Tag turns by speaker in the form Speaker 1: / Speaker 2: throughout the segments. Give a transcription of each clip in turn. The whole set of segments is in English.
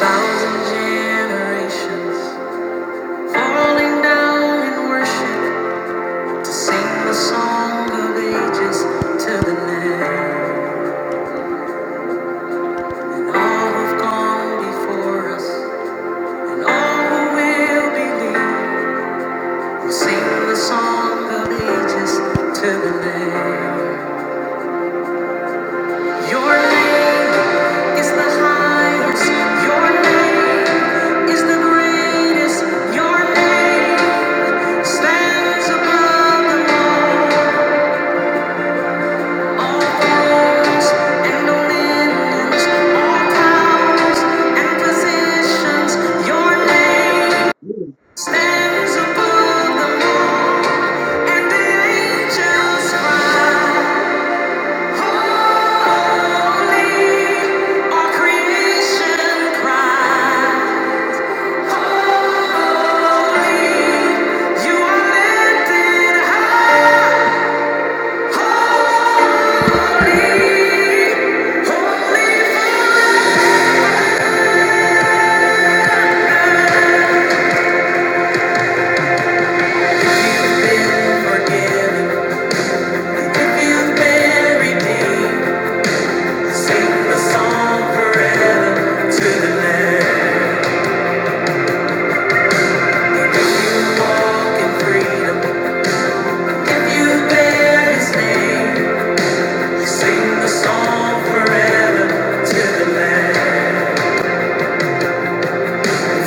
Speaker 1: Thousand generations falling down in worship to sing the song of ages to the Lamb. And all who've gone before us and all who will believe will sing the song of ages to the Lamb. Your name is the highest. Your name is the greatest. Your name stands above the law. Holy,
Speaker 2: really
Speaker 1: you are lifted high. Sing the song forever to the land.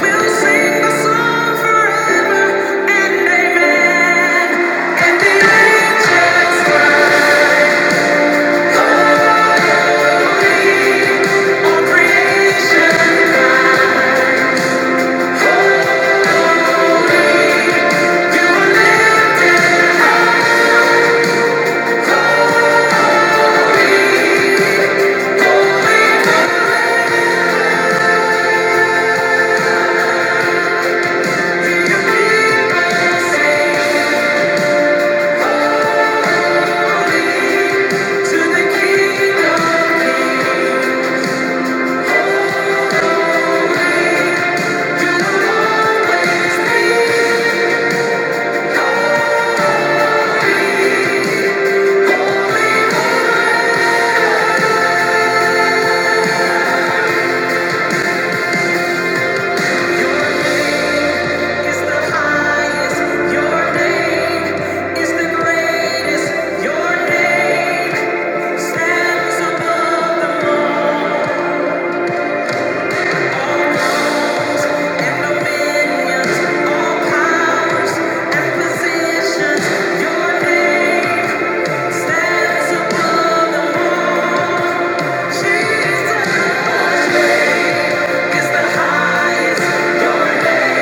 Speaker 1: We'll sing the song forever and amen. And the angels cry, holy, all creation. You are lifted high, holy, holy, holy. Your people sing, holy, to the King of Kings. You will always be holy. Jesus is the highest, your name.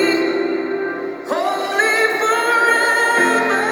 Speaker 1: Holy. Holy forever.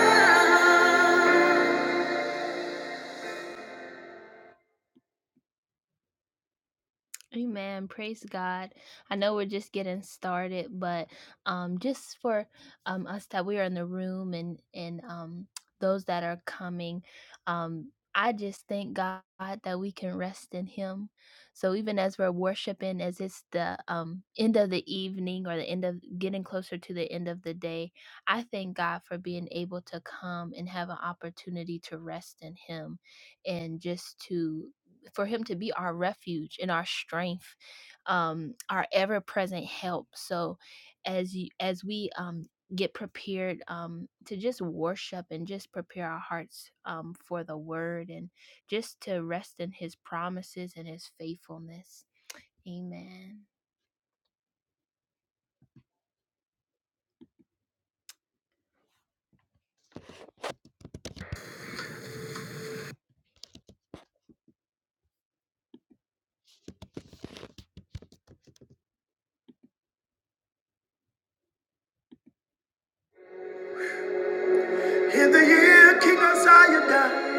Speaker 1: In the year King Uzziah died,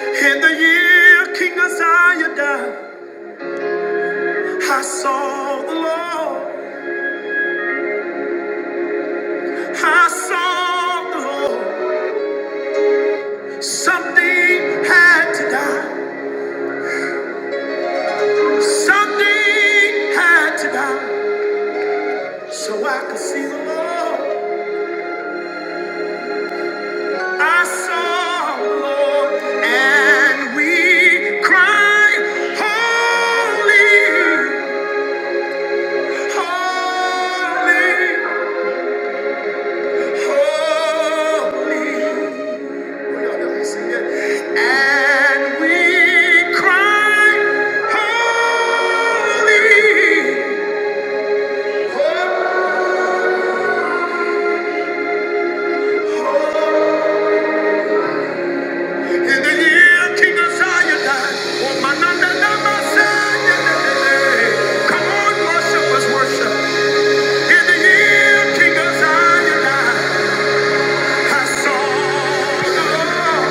Speaker 1: in the year King Uzziah died, I saw the Lord, I saw the Lord. Something had to die, something had to die, so I could see the Lord. I saw the Lord, and we cried, Holy. Worship. In the year King Uzziah died, I saw the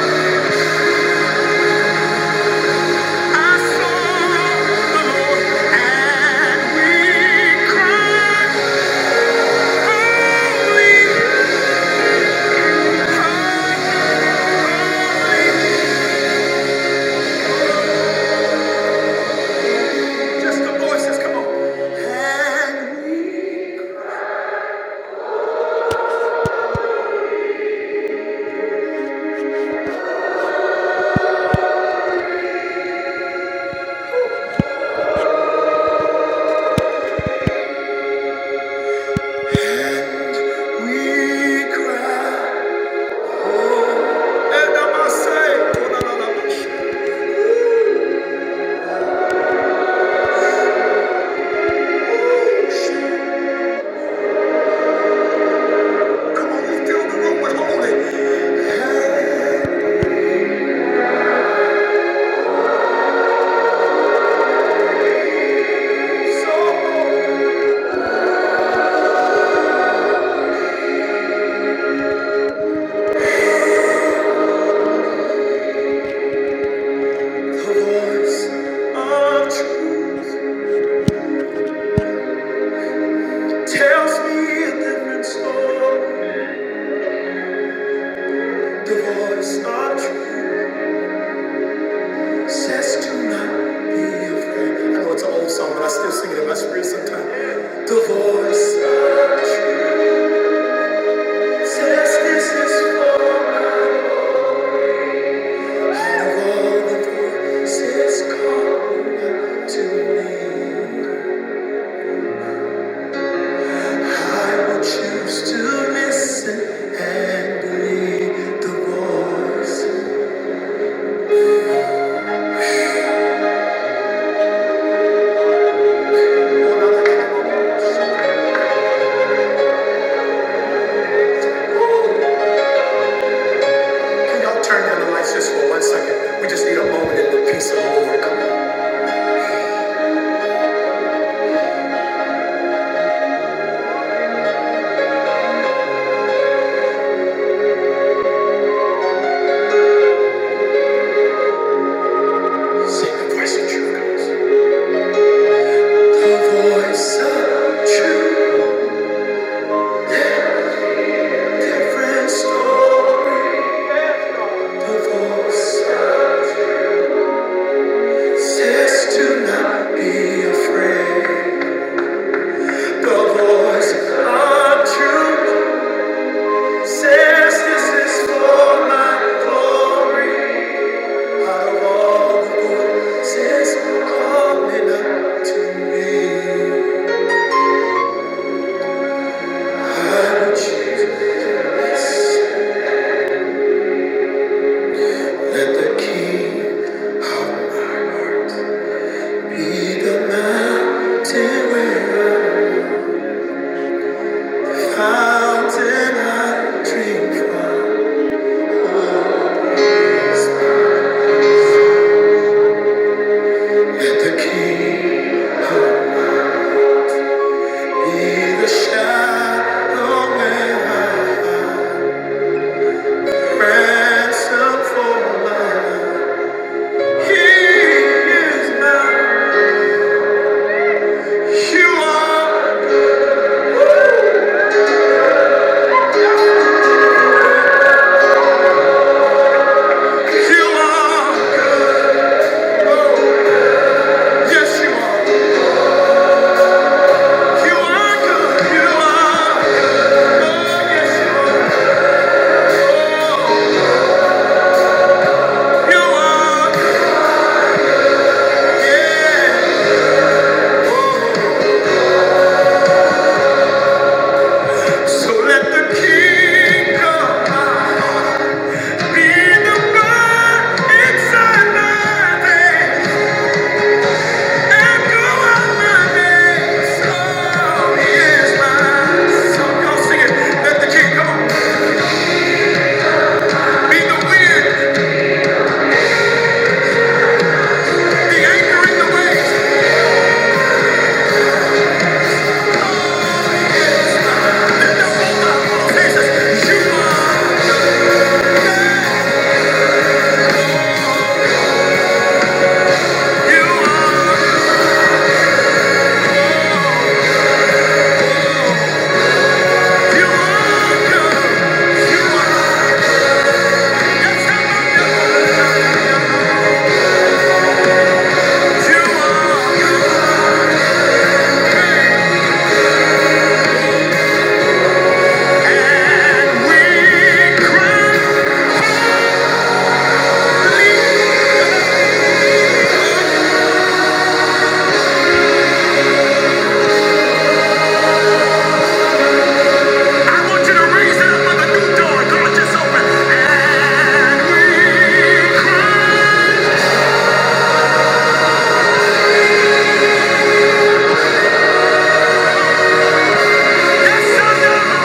Speaker 1: Just the voices, come on. And we cry. And I must say, no, no, no, no. Come on, fill the room with holy. And so the voice of truth. tells me a different story. The voice of truth says to not be afraid. I know it's an old song, but I still sing it in my spirit sometimes. The voice of truth says this is for me. Out of all the voices calling to me, I will choose to listen and believe the voice. Y'all turn down the lights just for one second. We just need a moment in the peace of the Lord. Come on. Sing the voice of truth, The voice of truth. That Different story. The voice of says to not be afraid. The voice of truth says this is for my glory. Out of all the voices coming up to me. Let the key of my heart be the mountain where the fountain I drink from. Let the key be the shadow where I ransom for my He is my. You are, you are good. Oh. Yes, you are. You are good. You are. Oh, yes, you are. Oh, you are. Yeah. Oh, so let the King come. Be the God inside my veins and go out my veins. Oh, yes, my soul. Y'all sing it. Let the King come. Be the wind, the anchor in the waves.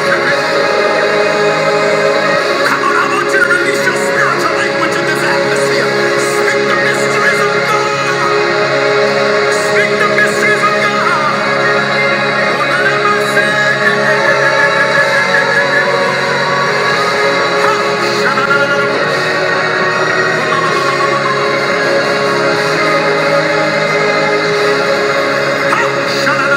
Speaker 1: Thank you. Come on, I want you to release your spiritual language in this atmosphere. Speak the mysteries of God. Speak the mysteries of God.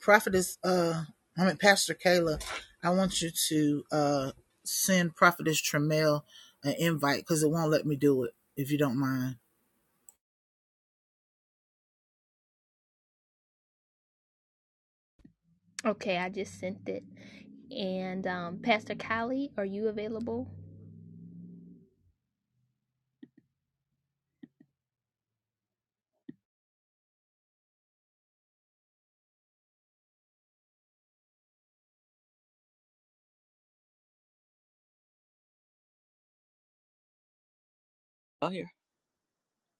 Speaker 3: Prophetess, uh, I mean, Pastor Kayla, I want you to uh, send Prophetess Tremel an invite because it won't let me do it if you don't mind.
Speaker 4: Oh, here.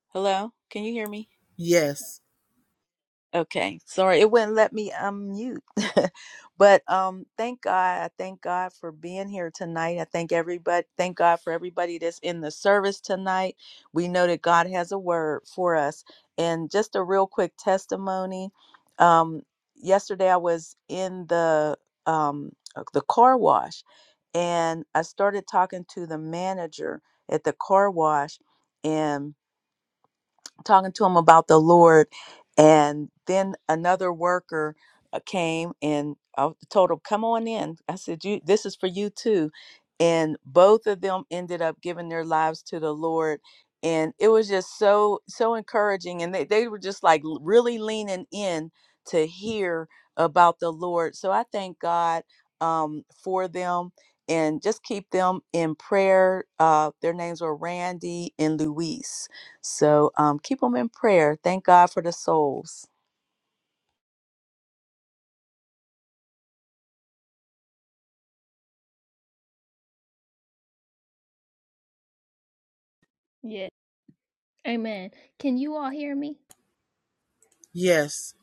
Speaker 4: Hello. Can you hear me?
Speaker 3: Yes,
Speaker 4: Okay. Sorry, it wouldn't let me unmute. but um thank God. I thank God for being here tonight. I thank everybody thank God for everybody that's in the service tonight. We know that God has a word for us. And just a real quick testimony. Um yesterday I was in the um uh, the car wash and I started talking to the manager at the car wash and talking to him about the Lord. And then another worker uh, came and I told him, Come on in. I said, you, This is for you too. And both of them ended up giving their lives to the Lord. And it was just so, so encouraging. And they, they were just like l- really leaning in to hear about the Lord. So I thank God um, for them and just keep them in prayer. Uh, their names were Randy and Luis so um, keep them in prayer. Thank God for the souls.
Speaker 3: yes.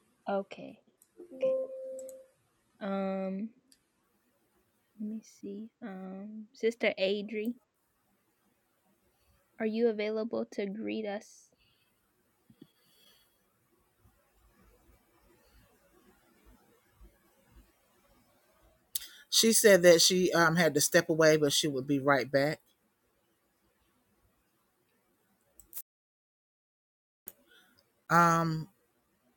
Speaker 3: She said that she um, had to step away, but she would be right back. Um,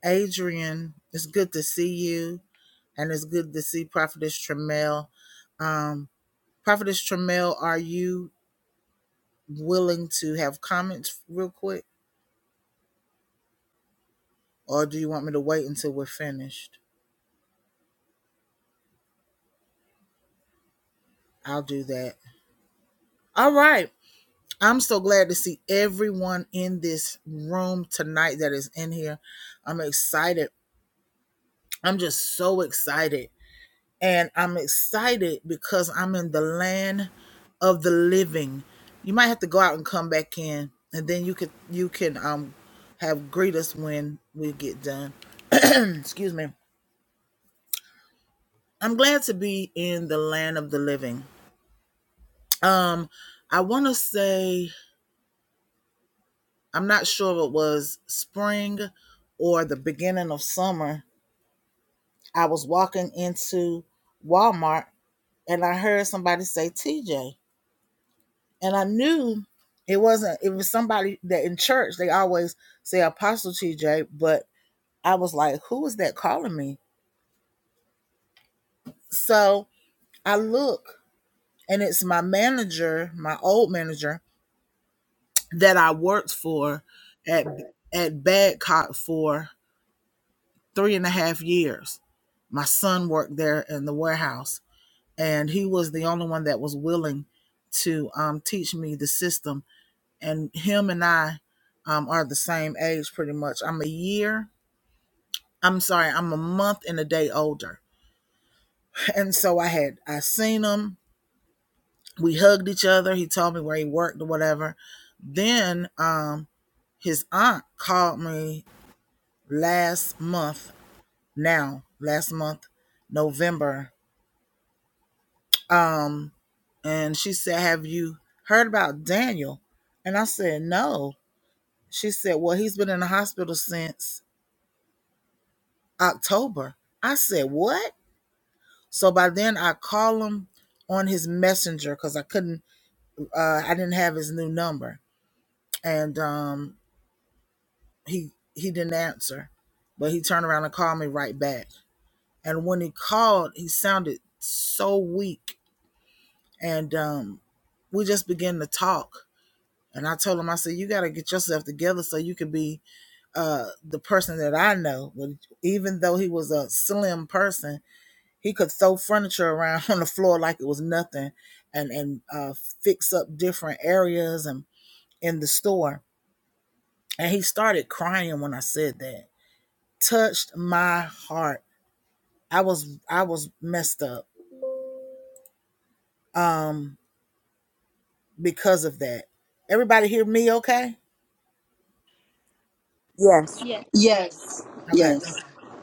Speaker 3: Adrian, it's good to see you, and it's good to see Prophetess Tremel. Um, Prophetess Tremel, are you willing to have comments real quick, or do you want me to wait until we're finished? I'll do that. All right. I'm so glad to see everyone in this room tonight that is in here. I'm excited. I'm just so excited. And I'm excited because I'm in the land of the living. You might have to go out and come back in and then you could you can um have greet us when we get done. Excuse me. I'm glad to be in the land of the living. Um I want to say I'm not sure it was spring or the beginning of summer. I was walking into Walmart and I heard somebody say TJ. And I knew it wasn't, it was somebody that in church, they always say Apostle TJ, but I was like, who is that calling me? So I look and it's my manager, my old manager that I worked for at, at Badcock for three and a half years. My son worked there in the warehouse, and he was the only one that was willing to um, teach me the system. And him and I um, are the same age pretty much. I'm a year, I'm sorry, I'm a month and a day older. And so I had, I seen him. We hugged each other. He told me where he worked or whatever. Then um, his aunt called me last month, now, last month, November Um, and she said, Have you heard about Daniel? And I said, No. She said, Well, he's been in the hospital since October. I said, What? So by then I call him on his messenger because I couldn't uh I didn't have his new number. And um he he didn't answer. But he turned around and called me right back. And when he called, he sounded so weak. And um we just began to talk And I told him, I said, you got to get yourself together so you can be uh, the person that I know. But even though he was a slim person, he could throw furniture around on the floor like it was nothing and, and uh, fix up different areas and in the store. And he started crying when I said that. Touched my heart. I was I was messed up um, because of that. Everybody hear me okay?
Speaker 4: Yes,
Speaker 5: Yes.
Speaker 3: Okay.
Speaker 5: Yes.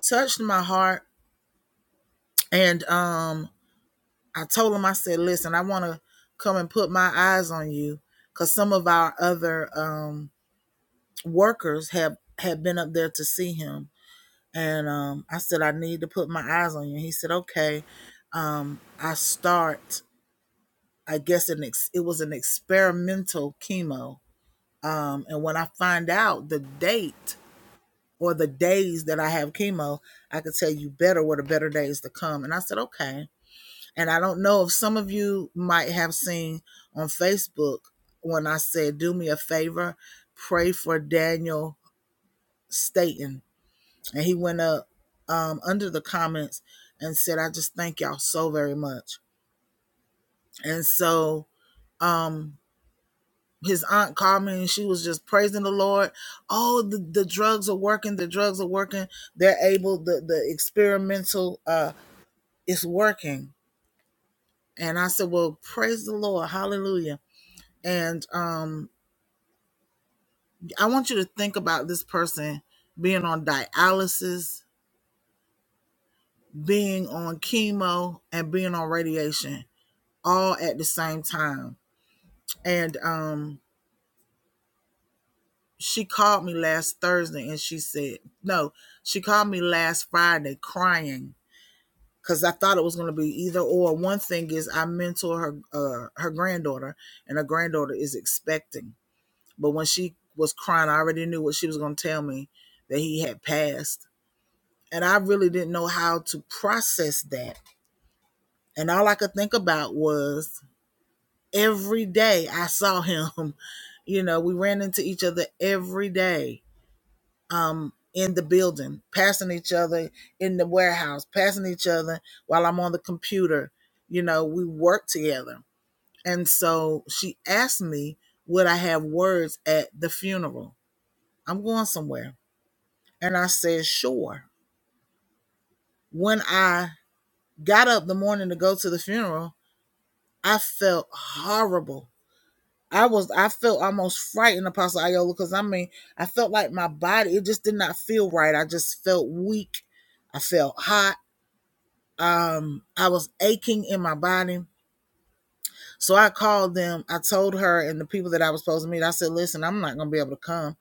Speaker 3: Touched my heart and um I told him, I said, listen, I want to come and put my eyes on you because some of our other um, workers have, have been up there to see him. And um, I said, I need to put my eyes on you. He said, okay. Um, I start, I guess an ex- it was an experimental chemo. Um, and when I find out the date or the days that I have chemo, I could tell you better what the better days to come. And I said, okay. And I don't know if some of you might have seen on Facebook when I said, Do me a favor, pray for Daniel Staten. And he went up um, under the comments and said, I just thank y'all so very much. And so um, his aunt called me and she was just praising the Lord. Oh, the, the drugs are working. The drugs are working. They're able, the, the experimental uh, is working. And I said, Well, praise the Lord. Hallelujah. And um, I want you to think about this person being on dialysis, being on chemo, and being on radiation all at the same time. And um, she called me last Thursday and she said, no, she called me last Friday crying because I thought it was going to be either or. One thing is I mentor her, uh, her granddaughter, and her granddaughter is expecting. But when she was crying, I already knew what she was going to tell me that he had passed And I really didn't know how to process that. And all I could think about was every day I saw him. You know, we ran into each other every day um, in the building, passing each other in the warehouse, passing each other while I'm on the computer. You know, we worked together. And so she asked me, would I have words at the funeral? I'm going somewhere. And I said, sure. When I got up the morning to go to the funeral, I felt horrible. I was I felt almost frightened, Apostle Iola, because I mean I felt like my body it just did not feel right. I just felt weak. I felt hot. Um, I was aching in my body. So I called them. I told her and the people that I was supposed to meet. I said, "Listen, I'm not gonna be able to come."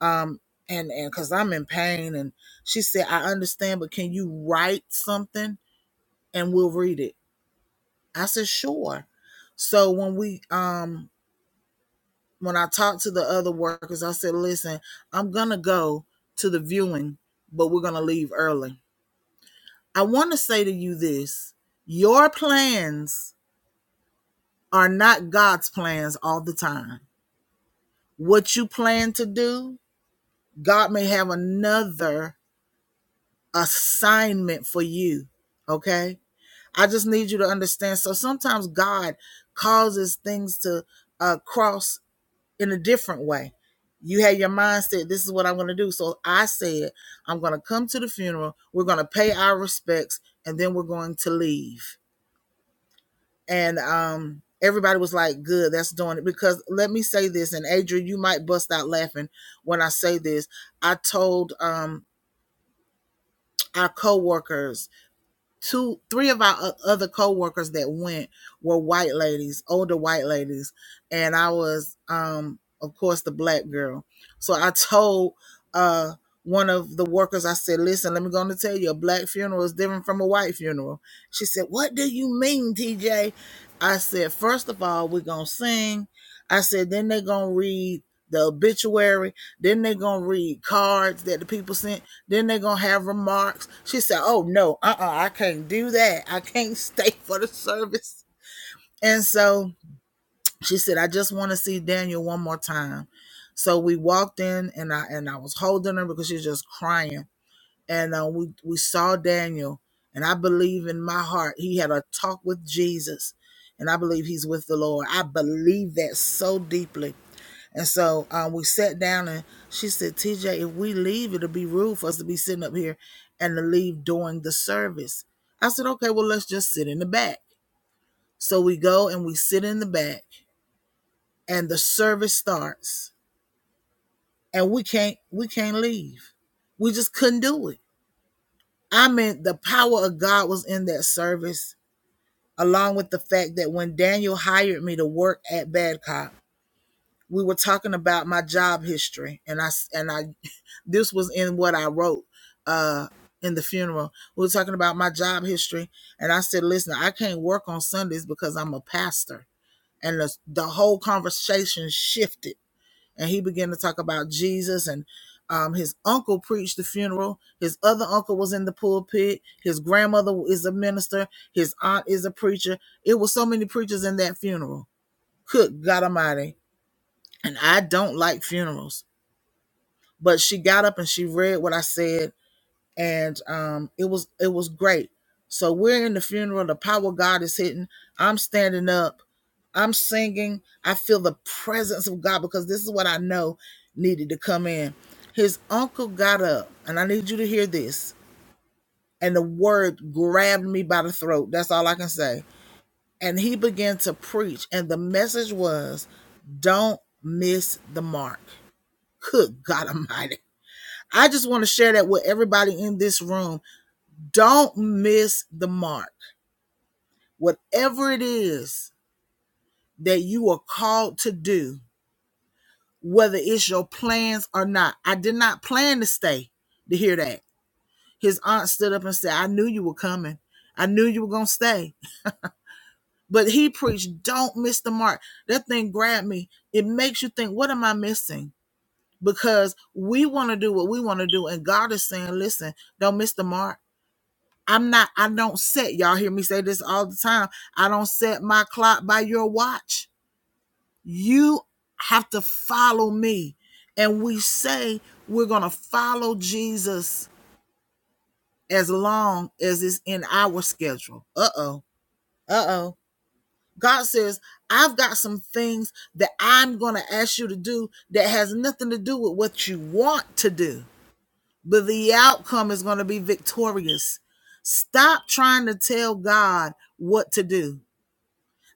Speaker 3: Um, and and because I'm in pain, and she said, "I understand, but can you write something and we'll read it?" I said, "Sure." So when we um when I talked to the other workers, I said, listen, I'm going to go to the viewing, but we're going to leave early. I want to say to you this your plans are not God's plans all the time. What you plan to do, God may have another assignment for you. Okay. I just need you to understand. So sometimes God causes things to uh, cross in a different way. You had your mindset, this is what I'm going to do. So I said, I'm going to come to the funeral. We're going to pay our respects and then we're going to leave. And um, everybody was like, good, that's doing it. Because let me say this, and Adrian, you might bust out laughing when I say this. I told um, our coworkers two three of our other co-workers that went were white ladies older white ladies and i was um of course the black girl so i told uh one of the workers i said listen let me going to tell you a black funeral is different from a white funeral she said what do you mean tj i said first of all we're going to sing i said then they're going to read the obituary then they're going to read cards that the people sent then they're gonna have remarks. She said, Oh no, uh uh I can't do that. I can't stay for the service. And so she said, I just wanna see Daniel one more time. So we walked in and I and I was holding her because she was just crying. And uh, we, we saw Daniel, and I believe in my heart he had a talk with Jesus. And I believe he's with the Lord. I believe that so deeply and so um, we sat down and she said, TJ, if we leave, it'll be rude for us to be sitting up here and to leave during the service. I said, okay, well, let's just sit in the back. So we go and we sit in the back and the service starts and we can't, we can't leave. We just couldn't do it. I mean, the power of God was in that service, along with the fact that when Daniel hired me to work at Badcock, we were talking about my job history and I, and I this was in what I wrote uh in the funeral. We were talking about my job history and I said, "Listen, I can't work on Sundays because I'm a pastor." And the, the whole conversation shifted and he began to talk about Jesus and um, his uncle preached the funeral. His other uncle was in the pulpit. His grandmother is a minister. His aunt is a preacher. It was so many preachers in that funeral. Good God Almighty. And I don't like funerals. But she got up and she read what I said and um, it was it was great. So we're in the funeral. The power of God is hitting. I'm standing up. I'm singing. I feel the presence of God because this is what I know needed to come in. His uncle got up, and I need you to hear this. And the word grabbed me by the throat. That's all I can say. And he began to preach, and the message was, "Don't miss the mark." Good God Almighty! I just want to share that with everybody in this room don't miss the mark. Whatever it is that you are called to do, whether it's your plans or not. I did not plan to stay to hear that. His aunt stood up and said, I knew you were coming. I knew you were going to stay. But he preached, don't miss the mark. That thing grabbed me. It makes you think, what am I missing? Because we want to do what we want to do. And God is saying, listen, don't miss the mark I'm not, I don't set, y'all hear me say this all the time. I don't set my clock by your watch. You have to follow me. And we say we're going to follow Jesus as long as it's in our schedule. Uh oh. Uh oh. God says, I've got some things that I'm going to ask you to do that has nothing to do with what you want to do, but the outcome is going to be victorious. Stop trying to tell God what to do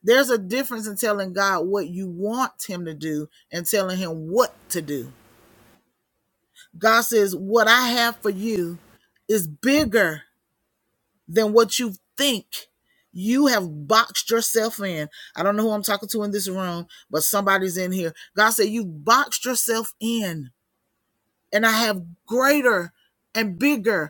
Speaker 3: There's a difference in telling God what you want Him to do and telling Him what to do. God says, What I have for you is bigger than what you think. You have boxed yourself in. I don't know who I'm talking to in this room, but somebody's in here. God said, You've boxed yourself in, and I have greater and bigger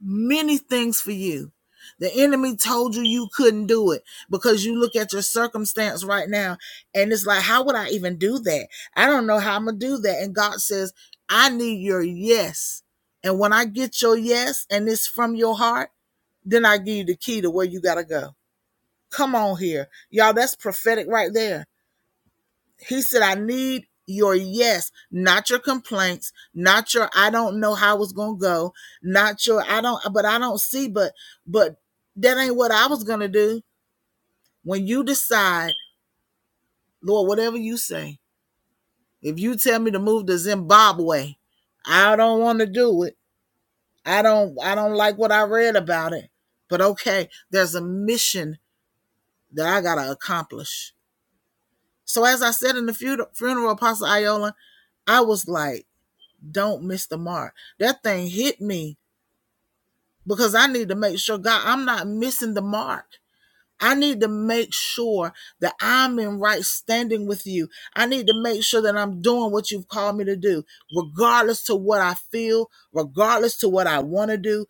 Speaker 3: many things for you. The enemy told you you couldn't do it because you look at your circumstance right now and it's like, how would I even do that? I don't know how I'm going to do that. And God says, I need your yes. And when I get your yes and it's from your heart, then I give you the key to where you got to go. Come on here. Y'all, that's prophetic right there he said, I need your yes, not your complaints, not your I don't know how it's gonna go, not your I don't but I don't see, but but that ain't what I was gonna do. When you decide, Lord, whatever you say, if you tell me to move to Zimbabwe, I don't want to do it. I don't I don't like what I read about it. But okay, there's a mission that I gotta accomplish. So as I said in the funeral, funeral Apostle Iola, I was like, don't miss the mark. That thing hit me because I need to make sure, God, I'm not missing the mark. I need to make sure that I'm in right standing with you. I need to make sure that I'm doing what you've called me to do, regardless to what I feel, regardless to what I want to do,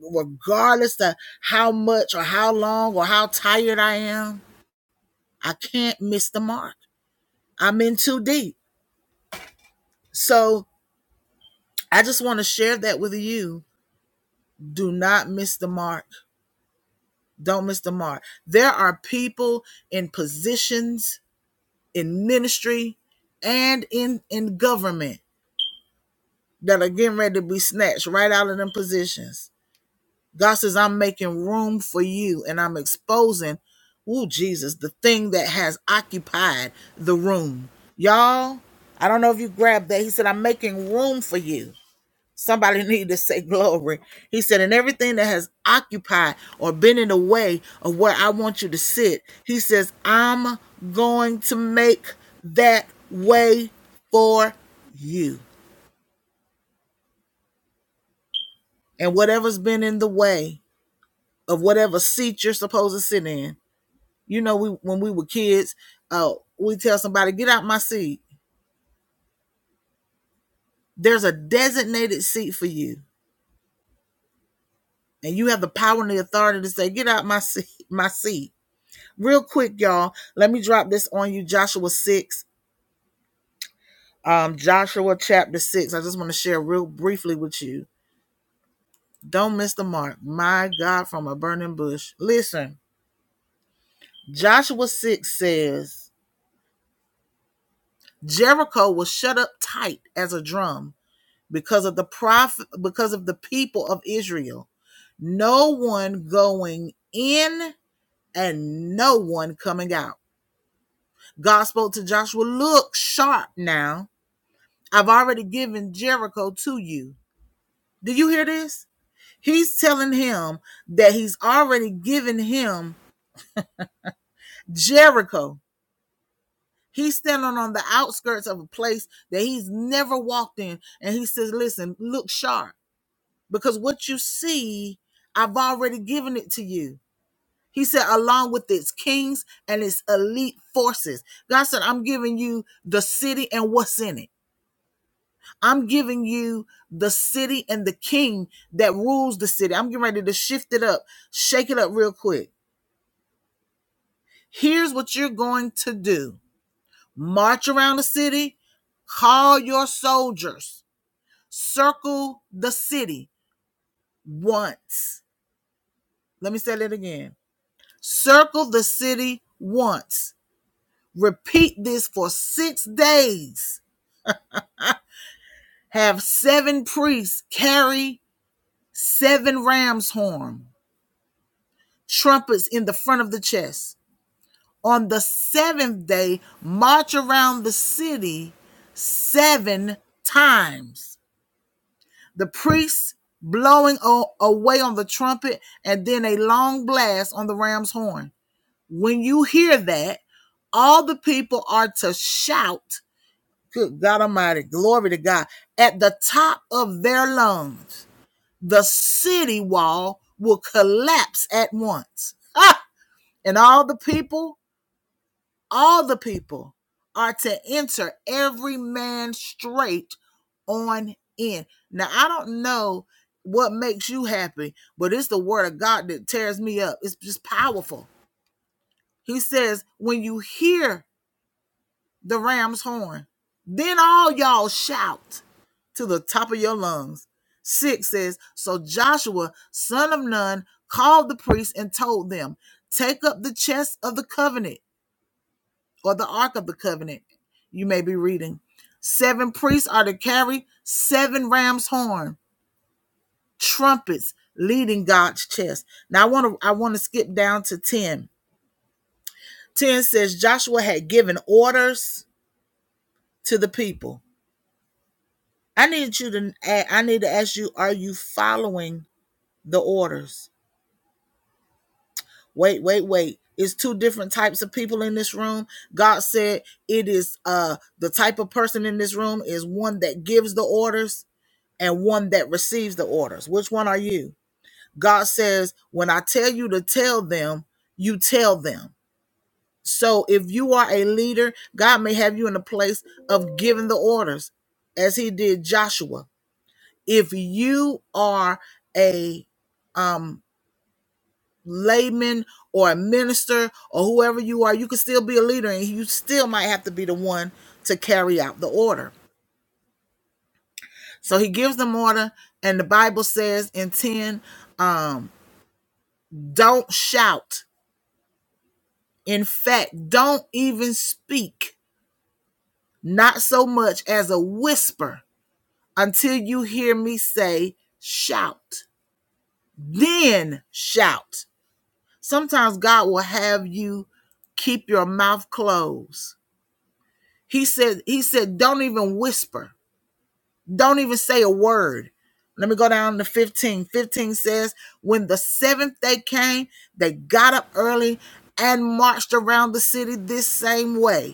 Speaker 3: regardless to how much or how long or how tired I am. I can't miss the mark. I'm in too deep. So I just want to share that with you. Do not miss the mark Don't miss the mark. There are people in positions in ministry and in in government that are getting ready to be snatched right out of them positions. God says, I'm making room for you and I'm exposing, ooh, Jesus, the thing that has occupied the room. Y'all, I don't know if you grabbed that. He said, I'm making room for you. Somebody needed to say glory. He said, and everything that has occupied or been in the way of where I want you to sit, he says, I'm going to make that way for you. And whatever's been in the way of whatever seat you're supposed to sit in, you know, we when we were kids, uh, we tell somebody, get out my seat. There's a designated seat for you. And you have the power and the authority to say, get out my seat, my seat real quick, y'all. Let me drop this on you, Joshua 6, um, Joshua chapter 6. I just want to share real briefly with you. Don't miss the mark. My God, from a burning bush. Listen, Joshua 6 says Jericho was shut up tight as a drum because of the prophet, because of the people of Israel. No one going in and no one coming out. God spoke to Joshua, look sharp now I've already given Jericho to you. Do you hear this? He's telling him that he's already given him Jericho. He's standing on the outskirts of a place that he's never walked in. And he says, Listen, look sharp because what you see, I've already given it to you. He said, along with its kings and its elite forces. God said, I'm giving you the city and what's in it. I'm giving you the city and the king that rules the city. I'm getting ready to shift it up, shake it up real quick. Here's what you're going to do march around the city, call your soldiers, circle the city once. Let me say that again circle the city once. Repeat this for six days. Have seven priests carry seven ram's horns. trumpets in the front of the chest. On the seventh day, march around the city seven times. The priests blowing away on the trumpet, and then a long blast on the ram's horn. When you hear that, all the people are to shout, Good God Almighty, glory to God, at the top of their lungs. The city wall will collapse at once. Ah! And all the people all the people are to enter every man straight on in. Now I don't know what makes you happy, but it's the word of God that tears me up. It's just powerful. He says, when you hear the ram's horn, then all y'all shout to the top of your lungs. Six says, So Joshua, son of Nun, called the priests and told them, Take up the chest of the covenant or the Ark of the Covenant, you may be reading. Seven priests are to carry seven ram's horn, trumpets leading God's chest. Now I want to I want to skip down to 10. 10 says Joshua had given orders to the people. I need you to I need to ask you, are you following the orders? Wait, wait, wait. It's two different types of people in this room. God said it is uh the type of person in this room is one that gives the orders and one that receives the orders. Which one are you? God says, when I tell you to tell them, you tell them. So if you are a leader, God may have you in a place of giving the orders as he did Joshua. If you are a um layman or a minister or whoever you are, you can still be a leader and you still might have to be the one to carry out the order. So he gives them order and the Bible says in 10 um Don't shout. In fact, don't even speak, not so much as a whisper, until you hear me say, shout. Then shout. Sometimes God will have you keep your mouth closed. He said, He said, don't even whisper. Don't even say a word. Let me go down to 15. 15 says, When the seventh day came, they got up early and marched around the city this same way.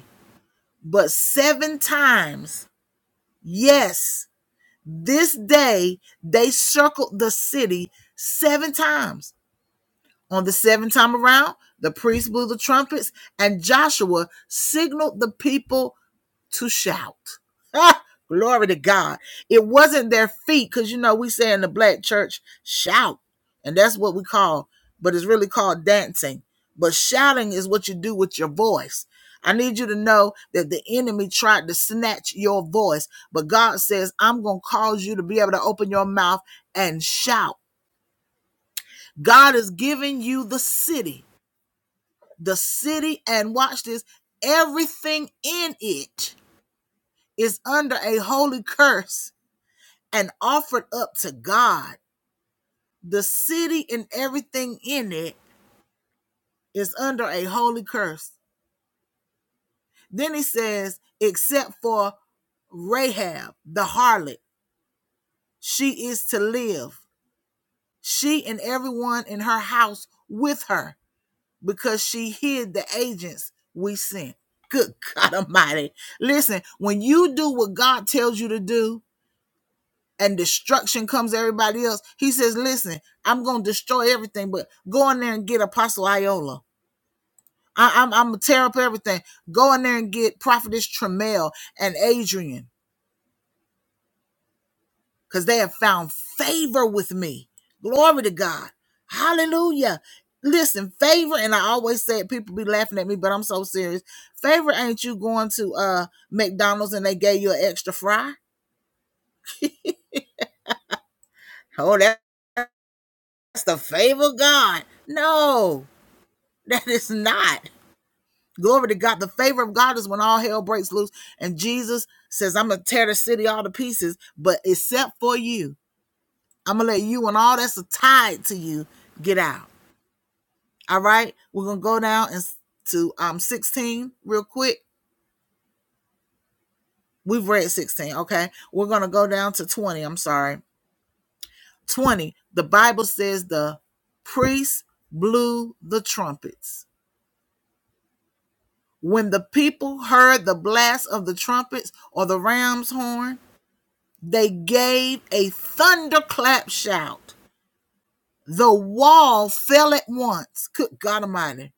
Speaker 3: But seven times, yes, this day they circled the city seven times. On the seventh time around, the priests blew the trumpets, and Joshua signaled the people to shout. Ah, glory to God. It wasn't their feet, because you know, we say in the black church, shout. And that's what we call, but it's really called dancing. But shouting is what you do with your voice. I need you to know that the enemy tried to snatch your voice, but God says, I'm going to cause you to be able to open your mouth and shout. God is giving you the city, the city, and watch this everything in it is under a holy curse and offered up to God. The city and everything in it is under a holy curse. Then he says, except for Rahab, the harlot, she is to live, she and everyone in her house with her, because she hid the agents we sent. Good God Almighty. Listen, when you do what God tells you to do, and destruction comes to everybody else. He says, "Listen, I'm going to destroy everything, but go in there and get Apostle Iola. I, I'm I'm gonna tear up everything. Go in there and get Prophetess Tremel and Adrian, because they have found favor with me. Glory to God. Hallelujah." Listen, favor, and I always say it, people be laughing at me, but I'm so serious. Favor ain't you going to uh McDonald's and they gave you an extra fry? Oh, that's the favor of God. No, that is not. Glory to God. The favor of God is when all hell breaks loose. And Jesus says, I'm going to tear the city all to pieces, but except for you, I'm going to let you and all that's tied to you get out. All right. We're going to go down and to um 16 real quick. We've read 16. Okay. We're going to go down to 20. I'm sorry. 20. The Bible says the priests blew the trumpets. When the people heard the blast of the trumpets or the ram's horn, They gave a thunderclap shout. The wall fell at once. Good God Almighty.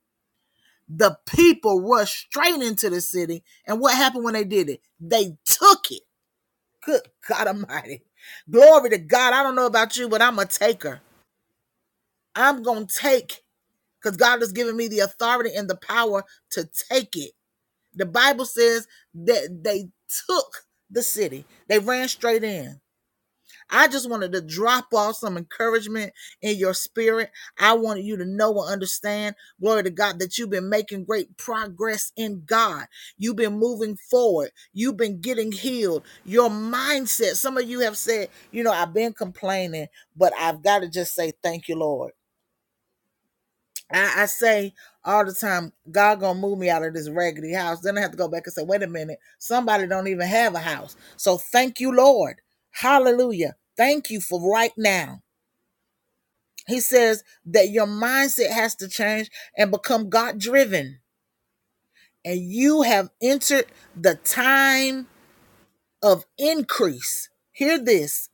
Speaker 3: The people rushed straight into the city. And what happened when they did it? They took it. Good God Almighty. Glory to God. I don't know about you, but I'm a taker. I'm going to take because God has given me the authority and the power to take it. The Bible says that they took the city, they ran straight in. I just wanted to drop off some encouragement in your spirit. I wanted you to know and understand, glory to God, that you've been making great progress in God. You've been moving forward. You've been getting healed. Your mindset, some of you have said, you know, I've been complaining, but I've got to just say thank you, Lord. I, I say all the time, God gonna move me out of this raggedy house. Then I have to go back and say, wait a minute, somebody don't even have a house. So thank you, Lord. Hallelujah. Thank you for right now. He says that your mindset has to change and become God driven. And you have entered the time of increase. Hear this.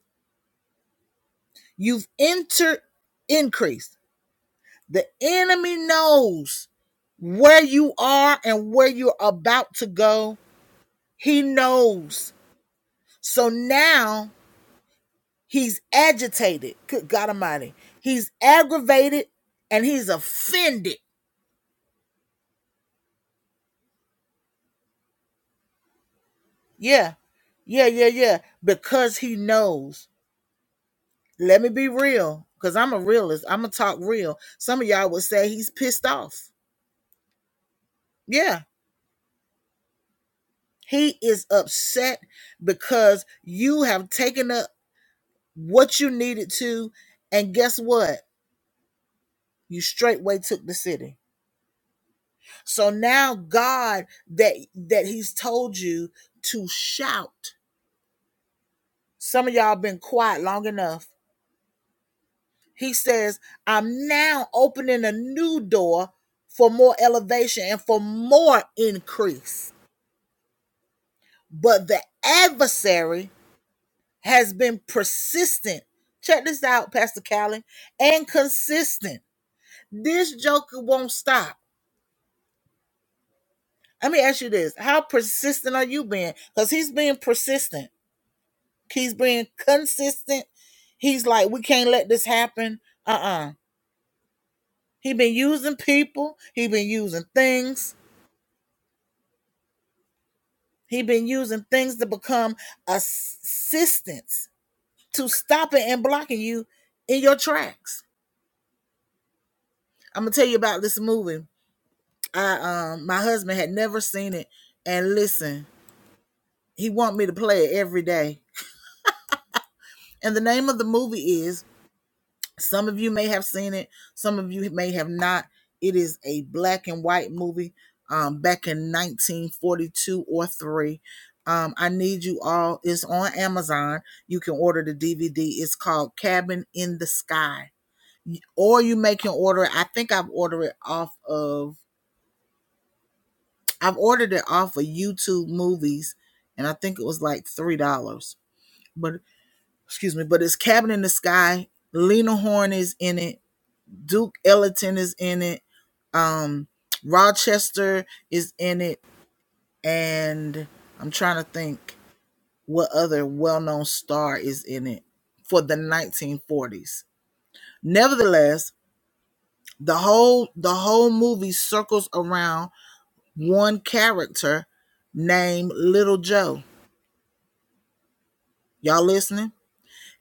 Speaker 3: You've entered increase. The enemy knows where you are and where you're about to go He knows. So now he's agitated. Good God Almighty. He's aggravated and he's offended. Yeah. Yeah, yeah, yeah. Because he knows. Let me be real. Because I'm a realist. I'm going to talk real. Some of y'all would say he's pissed off. Yeah. He is upset because you have taken up what you needed to. And guess what? You straightway took the city. So now God that that he's told you to shout. Some of y'all been quiet long enough. He says, "I'm now opening a new door for more elevation and for more increase." But the adversary has been persistent. Check this out, Pastor Callie, and consistent. This joker won't stop. Let me ask you this: How persistent are you being? Because he's being persistent. He's being consistent. He's like, we can't let this happen. Uh-uh. He been using people. He been using things. He been using things to become assistance to stopping and blocking you in your tracks. I'm gonna tell you about this movie. I um my husband had never seen it, and listen, he want me to play it every day. And the name of the movie is Some of you may have seen it, some of you may have not. It is a black and white movie um, back in 1942 or 3. Um, I need you all. It's on Amazon. You can order the DVD. It's called Cabin in the Sky. Or you make an order. I think I've ordered it off of, I've ordered it off of YouTube movies, and I think it was like $3. But, excuse me, but it's Cabin in the Sky. Lena Horne is in it Duke Ellington is in it. Um, Rochester is in it, and I'm trying to think what other well-known star is in it for the 1940s. Nevertheless, the whole the whole movie circles around one character named Little Joe. Y'all listening?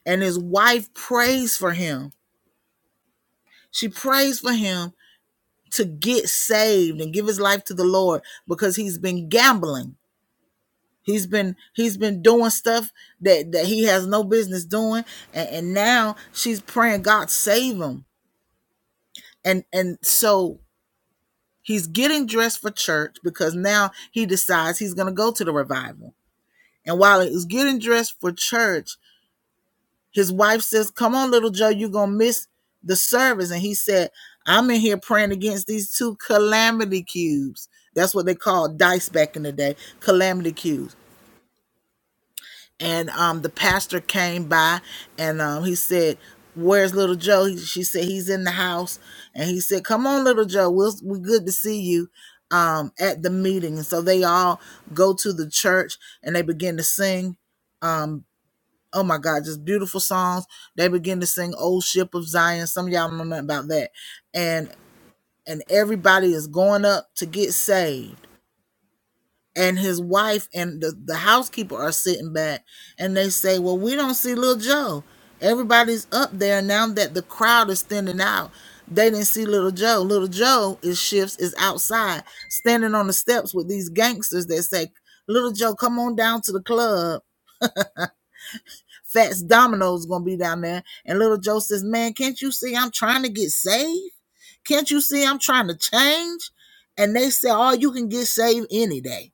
Speaker 3: And his wife prays for him. She prays for him to get saved and give his life to the Lord because he's been gambling He's been he's been doing stuff that that he has no business doing, and, and now she's praying God save him. And and so he's getting dressed for church because now he decides he's gonna go to the revival. And while he's getting dressed for church, his wife says, "Come on, little Joe, you're gonna miss the service." And he said, "I'm in here praying against these two calamity cubes. That's what they called dice back in the day, calamity cubes." and um, the pastor came by and um, he said where's little joe he, she said he's in the house and he said come on little joe we'll, we're good to see you um, at the meeting and so they all go to the church and they begin to sing um, oh my god just beautiful songs they begin to sing old ship of zion some of y'all don't know nothing about that and and everybody is going up to get saved and his wife and the, the housekeeper are sitting back and they say well we don't see little joe everybody's up there now that the crowd is standing out they didn't see little joe little joe is shifts is outside standing on the steps with these gangsters that say little joe come on down to the club fats domino's gonna be down there and little joe says man can't you see i'm trying to get saved can't you see i'm trying to change and they say oh you can get saved any day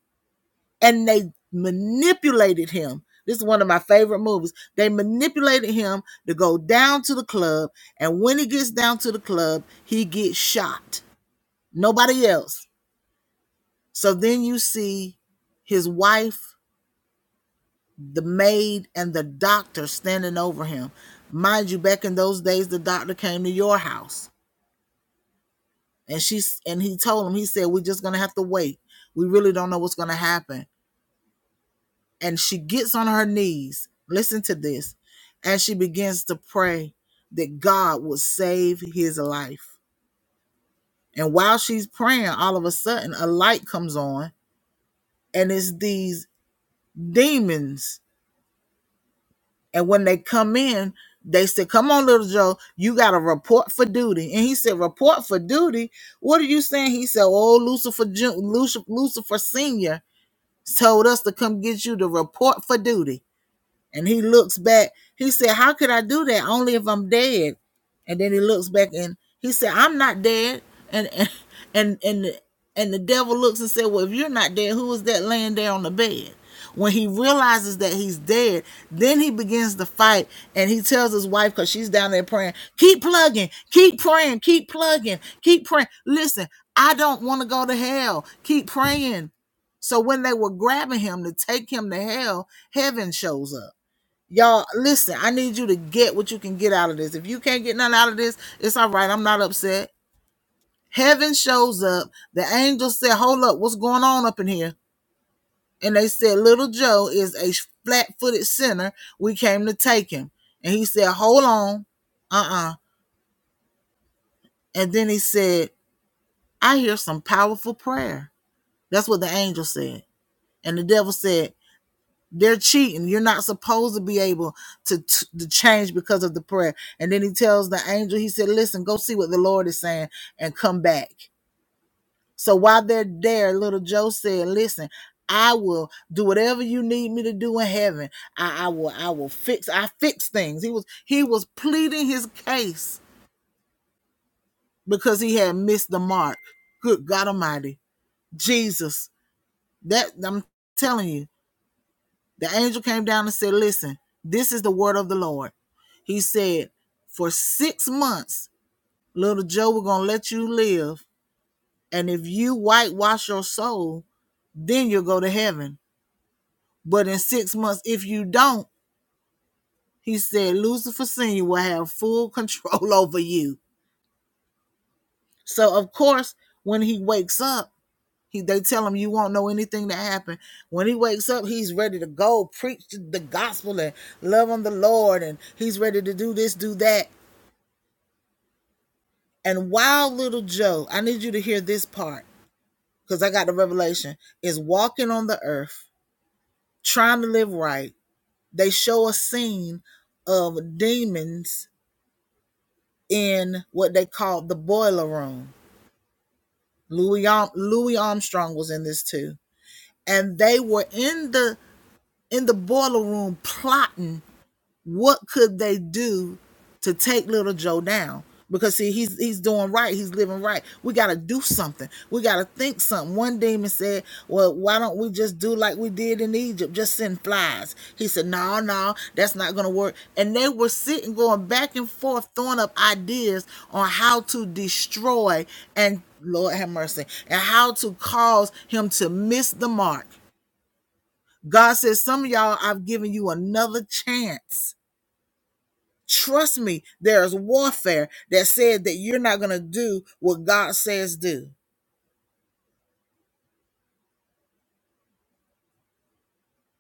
Speaker 3: and they manipulated him. This is one of my favorite movies. They manipulated him to go down to the club, and when he gets down to the club, he gets shot. Nobody else. So then you see his wife, the maid, and the doctor standing over him. Mind you, back in those days, the doctor came to your house, and she and he told him, he said, "We're just gonna have to wait. We really don't know what's gonna happen." and she gets on her knees. Listen to this. And she begins to pray that God would save his life. And while she's praying, all of a sudden a light comes on and it's these demons. And when they come in, they said, Come on, little Joe, you got to report for duty. And he said, Report for duty? What are you saying? He said, Oh, Lucifer, Lucifer, Lucifer Sr. told us to come get you to report for duty. And he looks back. He said, How could I do that? Only if I'm dead. And then he looks back and he said, I'm not dead. And and and and the, and the devil looks and said, Well, if you're not dead, who is that laying there on the bed? When he realizes that he's dead, then he begins to fight and he tells his wife, because she's down there praying, keep plugging, keep praying, keep plugging, keep praying. Listen, I don't want to go to hell. Keep praying. So when they were grabbing him to take him to hell, heaven shows up Y'all, listen, I need you to get what you can get out of this. If you can't get nothing out of this, it's all right. I'm not upset. Heaven shows up. The angel said, Hold up, what's going on up in here? And they said, Little Joe is a flat footed sinner. We came to take him. And he said, Hold on. Uh uh And then he said, I hear some powerful prayer. That's what the angel said. And the devil said, They're cheating. You're not supposed to be able to, t- to change because of the prayer. And then he tells the angel, he said, Listen, go see what the Lord is saying and come back. So while they're there, little Joe said, Listen, I will do whatever you need me to do in heaven. I, I will I will fix I fix things. He was he was pleading his case because he had missed the mark. Good God Almighty. Jesus. That I'm telling you The angel came down and said, Listen, this is the word of the Lord. He said, For six months, little Joe, we're going to let you live. And if you whitewash your soul, then you'll go to heaven. But in six months, if you don't, he said, Lucifer Senior will have full control over you. So, of course, when he wakes up, He they tell him you won't know anything that happened. When he wakes up, he's ready to go preach the gospel and love on the Lord, and he's ready to do this, do that. And while little Joe, I need you to hear this part because I got the revelation, is walking on the earth, trying to live right. They show a scene of demons in what they call the boiler room. Louis, Louis Armstrong was in this too. And they were in the in the boiler room plotting What could they do to take little Joe down? Because see, he's he's doing right, he's living right. We gotta do something. We gotta think something. One demon said, Well, why don't we just do like we did in Egypt? Just send flies. He said, No, no, that's not gonna work. And they were sitting going back and forth, throwing up ideas on how to destroy and Lord have mercy, and how to cause him to miss the mark. God says, Some of y'all, I've given you another chance Trust me, there is warfare that said that you're not going to do what God says do.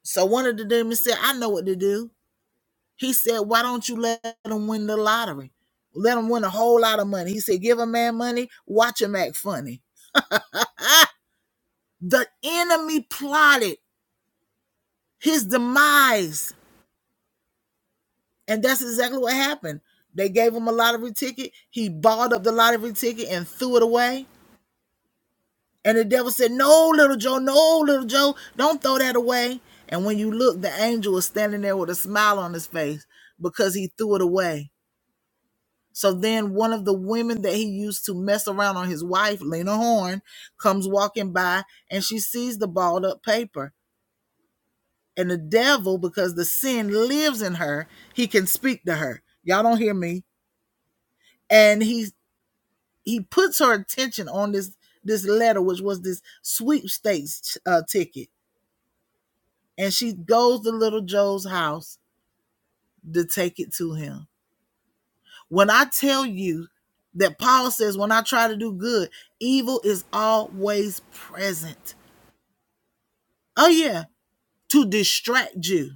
Speaker 3: So one of the demons said, I know what to do. He said, Why don't you let them win the lottery? Let them win a whole lot of money. He said, Give a man money, watch him act funny. Ah, the enemy plotted his demise. And that's exactly what happened. They gave him a lottery ticket. He balled up the lottery ticket and threw it away And the devil said, No, little Joe, no, little Joe, don't throw that away. And when you look, the angel was standing there with a smile on his face because he threw it away. So then one of the women that he used to mess around on his wife, Lena Horn, comes walking by and she sees the balled up paper. And the devil, because the sin lives in her, he can speak to her. Y'all don't hear me. And he he puts her attention on this this letter, which was this sweepstakes uh, ticket and she goes to little Joe's house to take it to him. When I tell you that Paul says, when I try to do good, evil is always present. Oh, yeah, to distract you,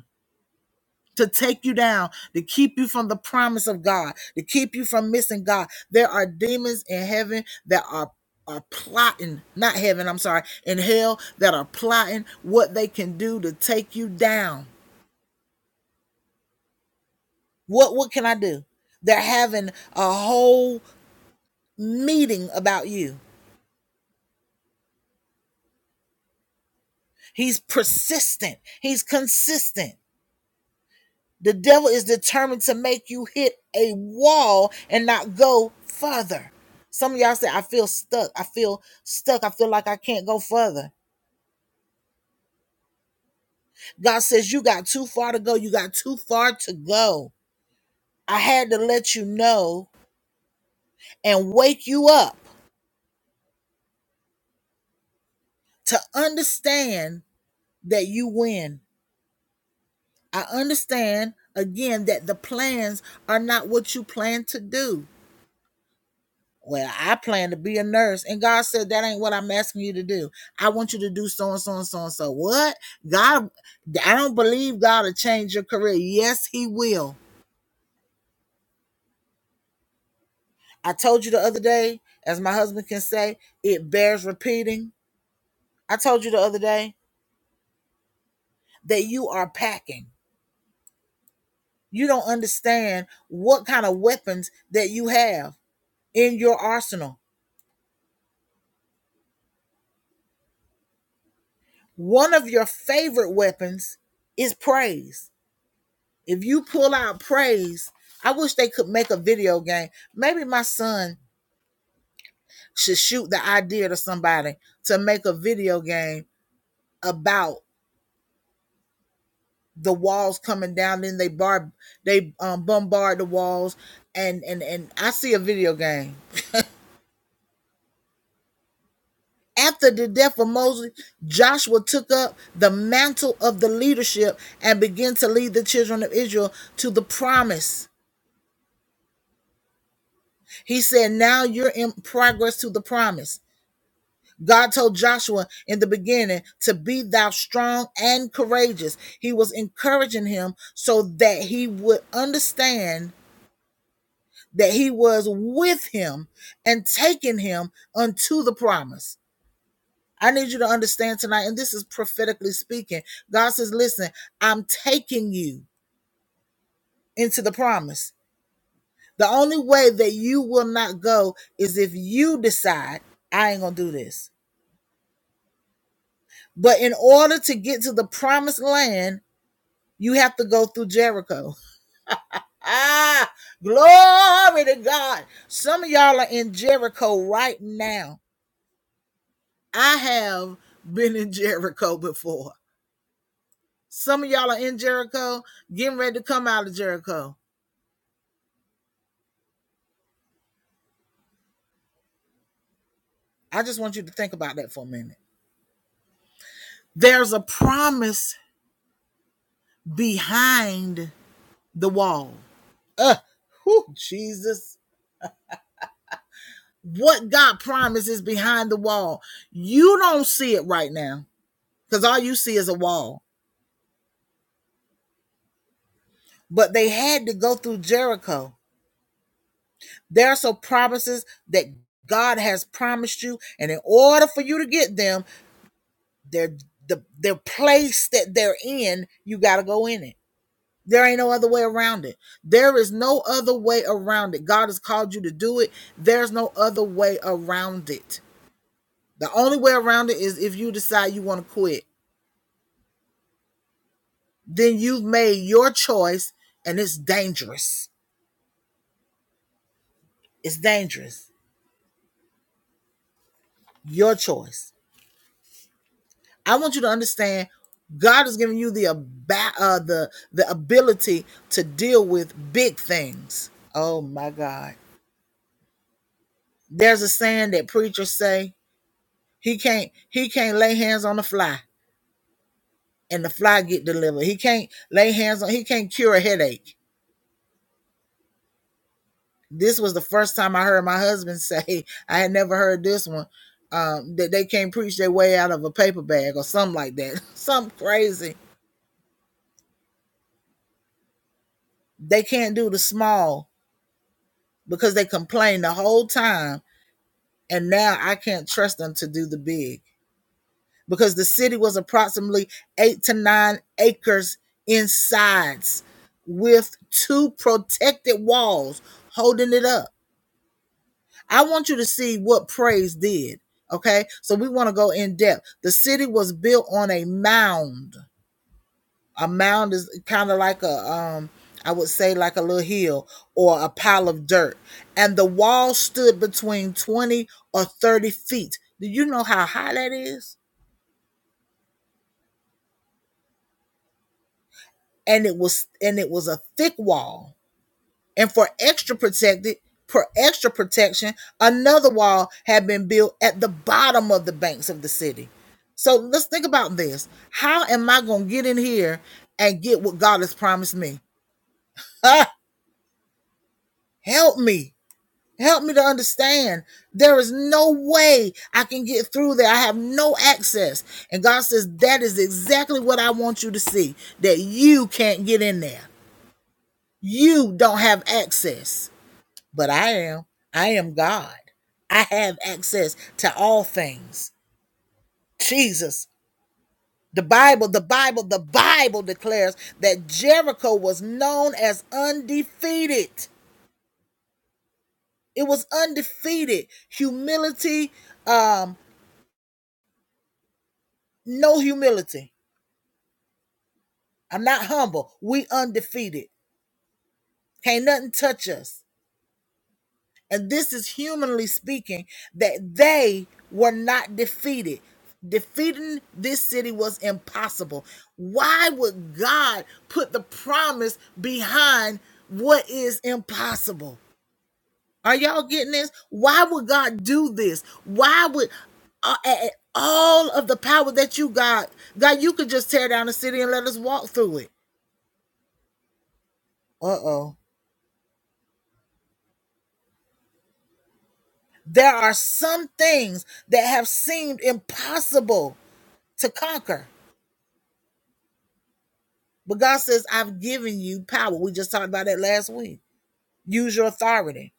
Speaker 3: to take you down, to keep you from the promise of God, to keep you from missing God. There are demons in heaven that are. Are plotting, not heaven, I'm sorry, in hell that are plotting what they can do to take you down What what can I do? They're having a whole meeting about you. He's persistent. He's consistent. The devil is determined to make you hit a wall and not go further. Some of y'all say, I feel stuck. I feel stuck. I feel like I can't go further. God says, You got too far to go. You got too far to go. I had to let you know and wake you up to understand that you win. I understand again that the plans are not what you plan to do. Well, I plan to be a nurse, and God said that ain't what I'm asking you to do. I want you to do so and so and so and so. What? God, I don't believe God will change your career. Yes, He will. I told you the other day, as my husband can say, it bears repeating. I told you the other day that you are packing. You don't understand what kind of weapons that you have in your arsenal One of your favorite weapons is praise. If you pull out praise, I wish they could make a video game. Maybe my son should shoot the idea to somebody to make a video game about the walls coming down. Then they bar they um, bombard the walls, and and and I see a video game. After the death of Moses, Joshua took up the mantle of the leadership and began to lead the children of Israel to the promise He said, Now you're in progress to the promise. God told Joshua in the beginning to be thou strong and courageous. He was encouraging him so that he would understand that he was with him and taking him unto the promise. I need you to understand tonight, and this is prophetically speaking. God says, Listen, I'm taking you into the promise. The only way that you will not go is if you decide, I ain't going to do this. But in order to get to the promised land, you have to go through Jericho. Ah, glory to God. Some of y'all are in Jericho right now. I have been in Jericho before. Some of y'all are in Jericho, getting ready to come out of Jericho. I just want you to think about that for a minute. There's a promise behind the wall. Uh, whew, Jesus. what God promises behind the wall. You don't see it right now because all you see is a wall. But they had to go through Jericho. There are some promises that God has promised you, and in order for you to get them, they're the their place that they're in, you got to go in it. There ain't no other way around it. There is no other way around it. God has called you to do it. There's no other way around it. The only way around it is if you decide you want to quit then you've made your choice and it's dangerous. It's dangerous. Your choice. I want you to understand God has given you the aba- uh, the the ability to deal with big things. Oh my God. There's a saying that preachers say he can't he can't lay hands on the fly and the fly get delivered. He can't lay hands on he can't cure a headache This was the first time I heard my husband say, I had never heard this one, um, that they can't preach their way out of a paper bag or something like that. something crazy. They can't do the small because they complained the whole time. And now I can't trust them to do the big because the city was approximately eight to nine acres in size with two protected walls holding it up. I want you to see what praise did. Okay. So we want to go in depth. The city was built on a mound. A mound is kind of like a um I would say like a little hill or a pile of dirt. And the wall stood between 20 or 30 feet. Do you know how high that is? And it was and it was a thick wall and for extra protected for extra protection another wall had been built at the bottom of the banks of the city so let's think about this how am i going to get in here and get what god has promised me Ah, help me help me to understand there is no way i can get through there i have no access and god says that is exactly what i want you to see that you can't get in there you don't have access but I am. I am God. I have access to all things. Jesus. The Bible, the Bible, the Bible declares that Jericho was known as undefeated. It was undefeated. Humility, um, no humility. I'm not humble. We undefeated. Can't nothing touch us. and this is humanly speaking that they were not defeated defeating this city was impossible why would god put the promise behind what is impossible are y'all getting this why would god do this why would uh, a- all of the power that you got god you could just tear down the city and let us walk through it uh-oh there are some things that have seemed impossible to conquer But God says, I've given you power. We just talked about that last week. Use your authority.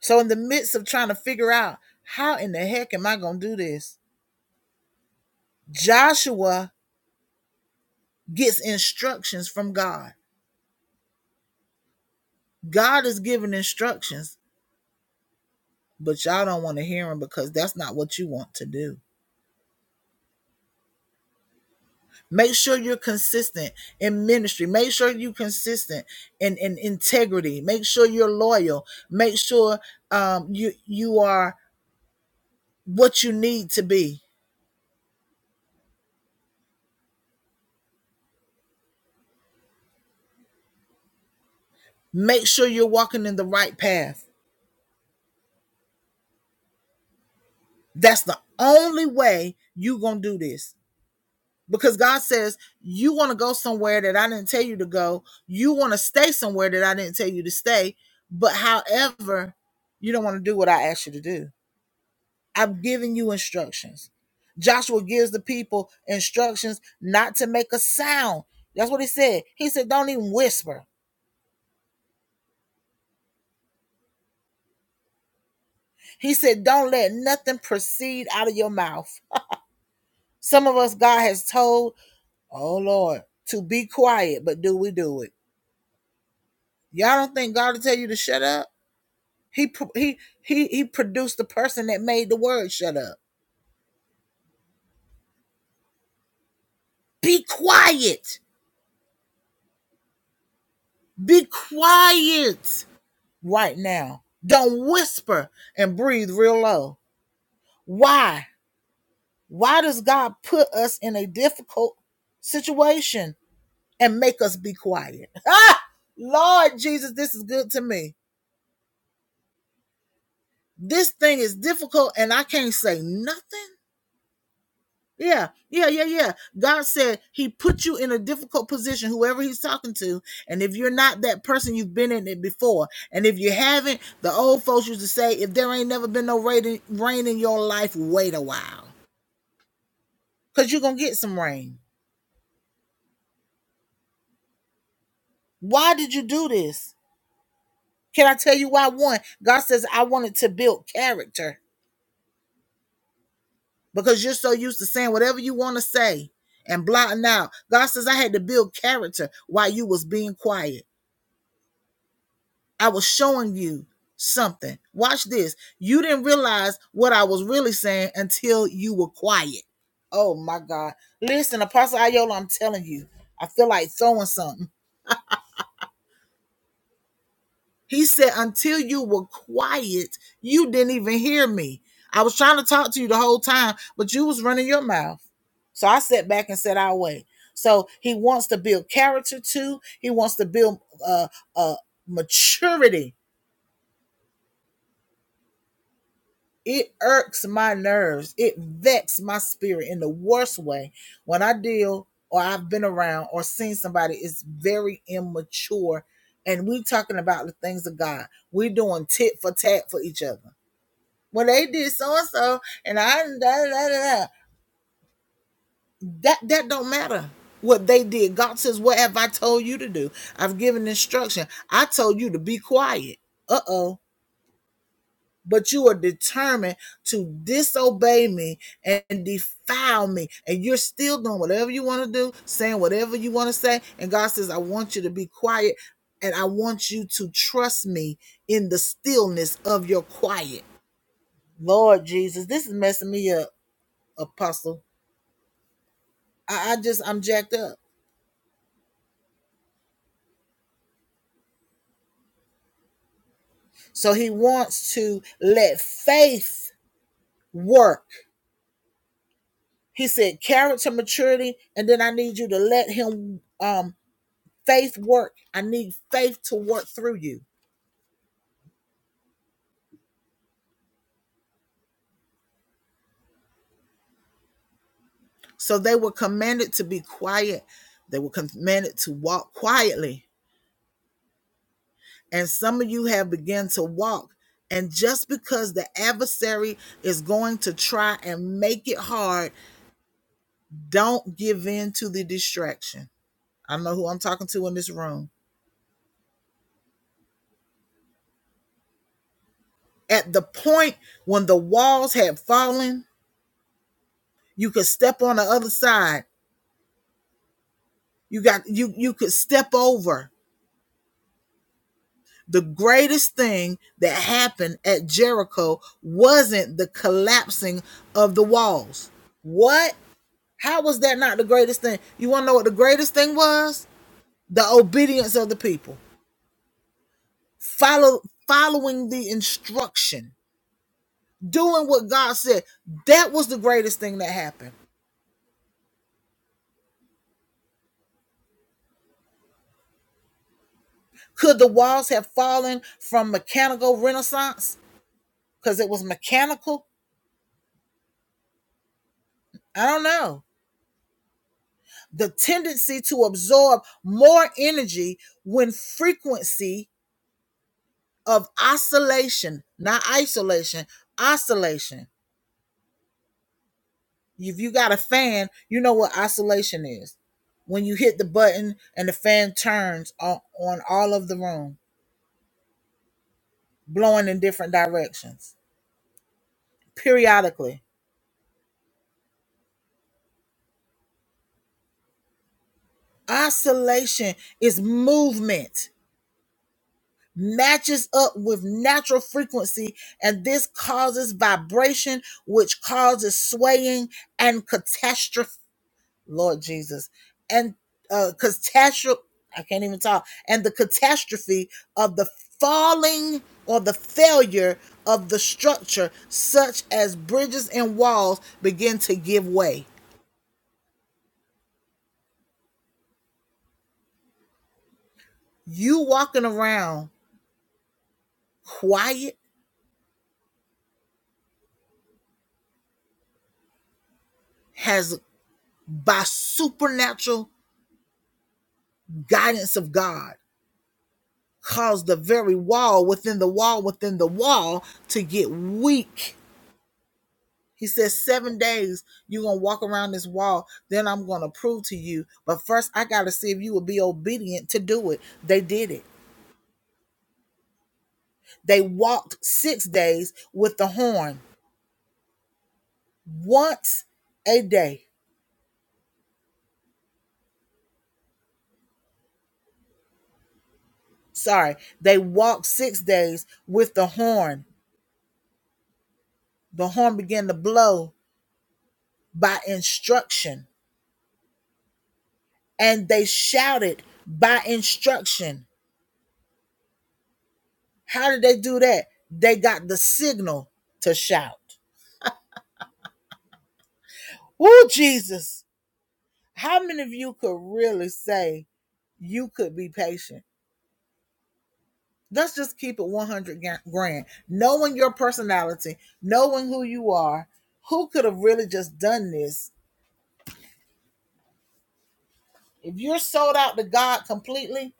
Speaker 3: So, in the midst of trying to figure out how in the heck am I going to do this, Joshua gets instructions from God. God is giving instructions, but y'all don't want to hear them because that's not what you want to do. Make sure you're consistent in ministry. Make sure you're consistent in, in integrity. Make sure you're loyal. Make sure um, you you are what you need to be Make sure you're walking in the right path. That's the only way you going to do this. Because God says, you want to go somewhere that I didn't tell you to go. You want to stay somewhere that I didn't tell you to stay. But however, you don't want to do what I asked you to do. I'm giving you instructions. Joshua gives the people instructions not to make a sound. That's what he said. He said, don't even whisper. He said, don't let nothing proceed out of your mouth. Some of us, God has told Oh Lord, to be quiet, but do we do it? Y'all don't think God will tell you to shut up? He he he he produced the person that made the word shut up. Be quiet. Be quiet right now. Don't whisper and breathe real low. Why? Why does God put us in a difficult situation and make us be quiet? Ah, Lord Jesus, this is good to me. This thing is difficult and I can't say nothing. Yeah, yeah, yeah, yeah. God said He put you in a difficult position, whoever He's talking to. And if you're not that person, you've been in it before. And if you haven't, the old folks used to say, if there ain't never been no rain in, rain in your life, wait a while. Because you're going to get some rain. Why did you do this? Can I tell you why? One, God says, I wanted to build character because you're so used to saying whatever you want to say and blotting out. God says, I had to build character while you was being quiet. I was showing you something. Watch this. You didn't realize what I was really saying until you were quiet. Oh my God. Listen, Apostle Ayola, I'm telling you, I feel like throwing something. He said, until you were quiet, you didn't even hear me. I was trying to talk to you the whole time, but you was running your mouth. So I sat back and said, I'll wait. So he wants to build character too. He wants to build uh, uh, maturity It irks my nerves. It vexes my spirit in the worst way when I deal or I've been around or seen somebody is very immature. And we talking about the things of God. we are doing tit for tat for each other. Well, they did so and so, and I da, da, da, da. that that don't matter what they did. God says, "What have I told you to do? I've given instruction. I told you to be quiet." Uh oh but you are determined to disobey me and defile me. And you're still doing whatever you want to do, saying whatever you want to say. And God says, I want you to be quiet and I want you to trust me in the stillness of your quiet. Lord Jesus, this is messing me up, Apostle. I, I just, I'm jacked up. So he wants to let faith work. He said character maturity, and then I need you to let him um Faith work. I need faith to work through you. So they were commanded to be quiet. They were commanded to walk quietly. And some of you have begun to walk. And just because the adversary is going to try and make it hard, don't give in to the distraction. I know who I'm talking to in this room. At the point when the walls had fallen, you could step on the other side. You got you you could step over the greatest thing that happened at Jericho wasn't the collapsing of the walls. What? How was that not the greatest thing? You want to know what the greatest thing was? The obedience of the people. Follow following the instruction, doing what God said. That was the greatest thing that happened. Could the walls have fallen from mechanical renaissance because it was mechanical? I don't know. the tendency to absorb more energy when frequency of oscillation, not isolation, oscillation. If you got a fan, you know what oscillation is. When you hit the button and the fan turns on, on all of the room, blowing in different directions periodically. Oscillation is movement matches up with natural frequency and this causes vibration which causes swaying and catastrophe lord jesus and uh catastrophe i can't even talk and the catastrophe of the falling or the failure of the structure such as bridges and walls begin to give way you walking around quiet has by supernatural guidance of god caused the very wall within the wall within the wall to get weak. He says, Seven days you're going to walk around this wall. Then I'm going to prove to you. But first, I got to see if you will be obedient to do it. They did it. They walked six days with the horn once a day. Sorry, they walked six days with the horn. The horn began to blow by instruction, and they shouted by instruction How did they do that? They got the signal to shout. Woo, Jesus. How many of you could really say you could be patient? Let's just keep it 100 grand. Knowing your personality, knowing who you are, who could have really just done this? If you're sold out to God completely,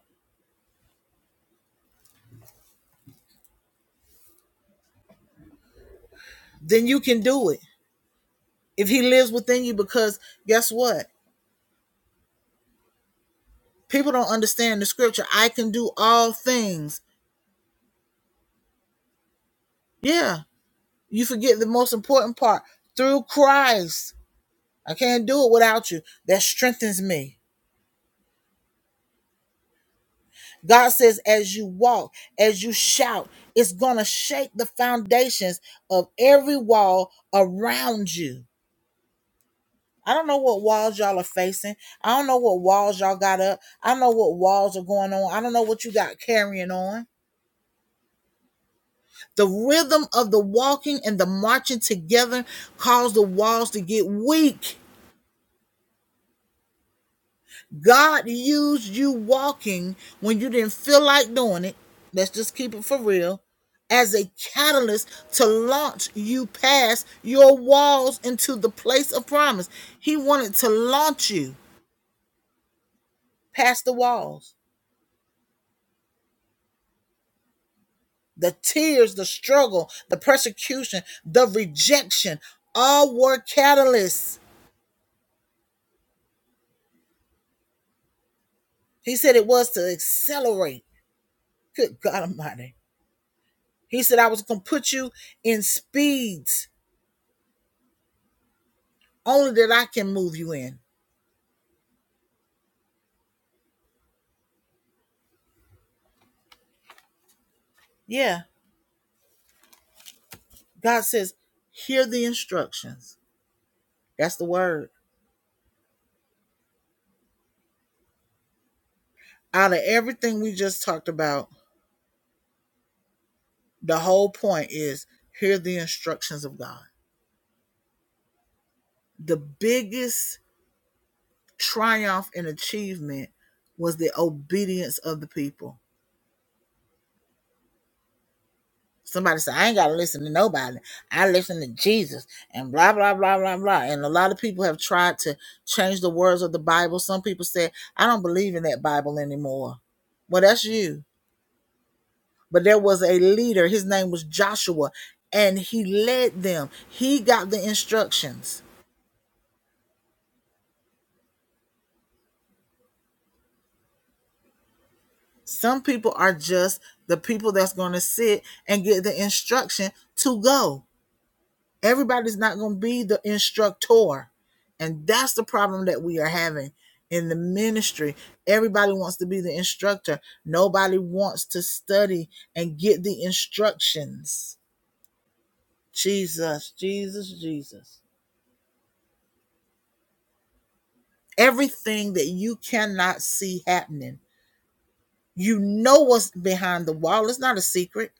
Speaker 3: then you can do it. If He lives within you, because guess what? People don't understand the scripture. I can do all things. Yeah, You forget the most important part through Christ. I can't do it without you. That strengthens me. God says, as you walk, as you shout, it's going to shake the foundations of every wall around you. I don't know what walls y'all are facing. I don't know what walls y'all got up. I don't know what walls are going on. I don't know what you got carrying on. The rhythm of the walking and the marching together cause the walls to get weak God used you walking when you didn't feel like doing it. Let's just keep it for real. As a catalyst to launch you past your walls into the place of promise. He wanted to launch you past the walls, the tears, the struggle, the persecution, the rejection. All were catalysts. He said it was to accelerate. Good God Almighty. He said, I was going to put you in speeds only that I can move you in. Yeah. God says, hear the instructions. That's the word. Out of everything we just talked about, the whole point is hear the instructions of God. The biggest triumph and achievement was the obedience of the people. Somebody said, I ain't got to listen to nobody. I listen to Jesus and blah, blah, blah, blah, blah. And a lot of people have tried to change the words of the Bible. Some people said, I don't believe in that Bible anymore. Well, that's you but there was a leader. His name was Joshua, and he led them. He got the instructions. Some people are just the people that's going to sit and get the instruction to go. Everybody's not going to be the instructor. And that's the problem that we are having in the ministry. Everybody wants to be the instructor, nobody wants to study and get the instructions. Jesus, Jesus, Jesus. Everything that you cannot see happening, you know what's behind the wall. It's not a secret.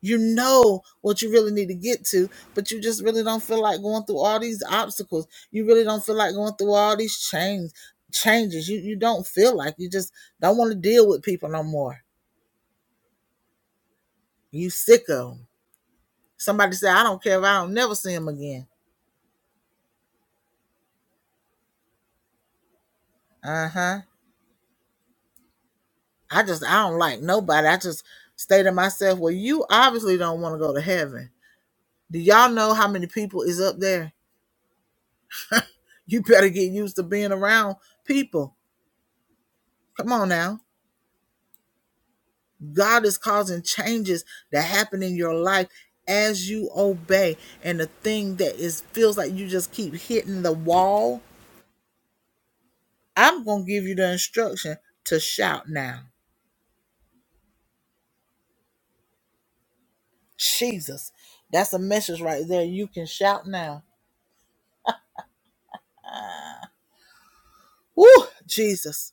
Speaker 3: You know what you really need to get to, but you just really don't feel like going through all these obstacles. You really don't feel like going through all these change changes. You you don't feel like you just don't want to deal with people no more. You sick of them. Somebody said, "I don't care if I don't never see them again." Uh huh. I just I don't like nobody. I just stay to myself. Well, you obviously don't want to go to heaven Do y'all know how many people is up there? You better get used to being around people. Come on now. God is causing changes that happen in your life as you obey. And the thing that is feels like you just keep hitting the wall, I'm going to give you the instruction to shout now. Jesus. That's a message right there. You can shout now. Woo, Jesus.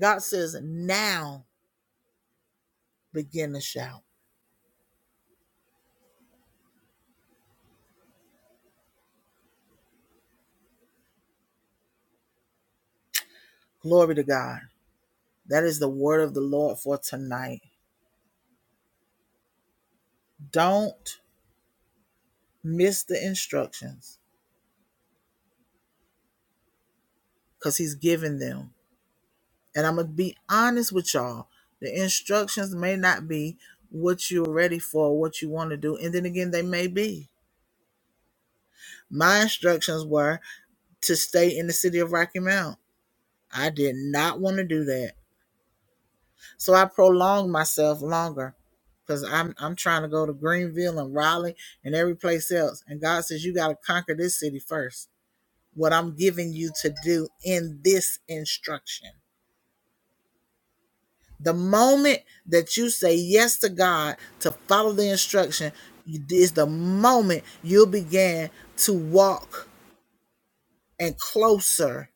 Speaker 3: God says, now begin to shout. Glory to God. That is the word of the Lord for tonight. Don't miss the instructions because he's giving them. And I'm going to be honest with y'all. The instructions may not be what you're ready for, what you want to do. And then again, they may be. My instructions were to stay in the city of Rocky Mount. I did not want to do that. So I prolonged myself longer because I'm, I'm trying to go to Greenville and Raleigh and every place else. And God says, you got to conquer this city first. what I'm giving you to do in this instruction. The moment that you say yes to God to follow the instruction is the moment you'll begin to walk and closer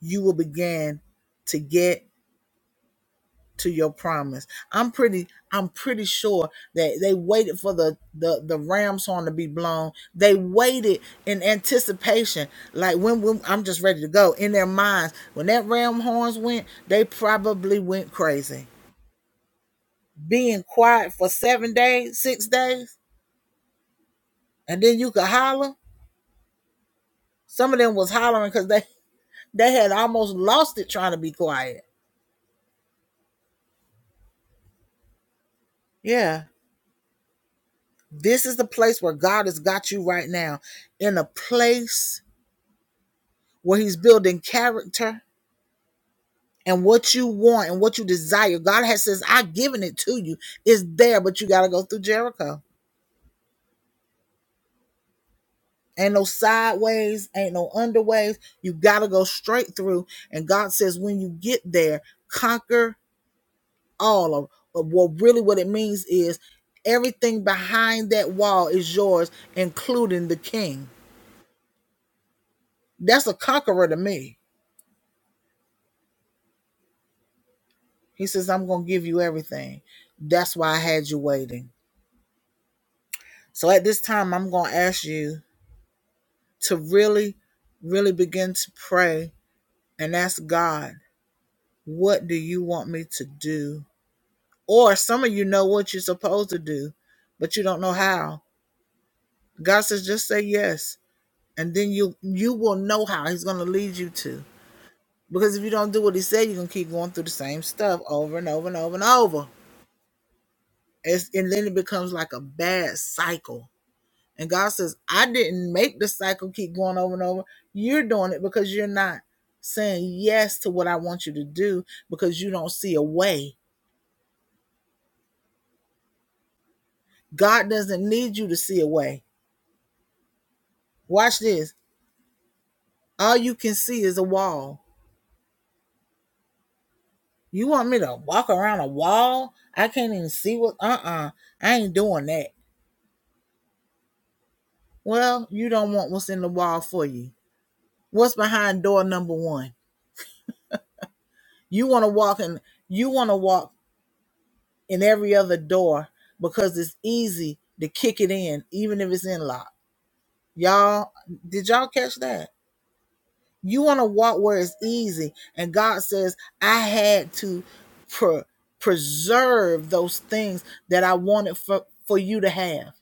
Speaker 3: you will begin to get to your promise. I'm pretty I'm pretty sure that they waited for the the the ram's horn to be blown. They waited in anticipation. Like when, when I'm just ready to go in their minds. When that ram horns went, they probably went crazy. Being quiet for 7 days, 6 days, and then you could holler. Some of them was hollering cuz they they had almost lost it trying to be quiet. Yeah. This is the place where God has got you right now in a place where he's building character and what you want and what you desire. God has says, I've given it to you. It's there, but you gotta go through Jericho. Ain't no sideways, ain't no underways. You gotta go straight through. And God says, when you get there, conquer all of of- well, really what it means is everything behind that wall is yours, including the king. That's a conqueror to me. He says, I'm gonna give you everything. That's why I had you waiting. So at this time, I'm going to ask you to really, really begin to pray and ask God, what do you want me to do? Or some of you know what you're supposed to do, but you don't know how. God says, just say yes. And then you you will know how he's going to lead you to. Because if you don't do what he said, you're going to keep going through the same stuff over and over and over and over. It's, and then it becomes like a bad cycle And God says, I didn't make the cycle keep going over and over. You're doing it because you're not saying yes to what I want you to do because you don't see a way. God doesn't need you to see a way. Watch this. All you can see is a wall. You want me to walk around a wall? I can't even see what uh uh I ain't doing that. Well, you don't want what's in the wall for you. What's behind door number one? You want to walk in you want to walk in every other door because it's easy to kick it in, even if it's in lock. Y'all, did y'all catch that? You want to walk where it's easy. And God says, I had to pre- preserve those things that I wanted for, for you to have.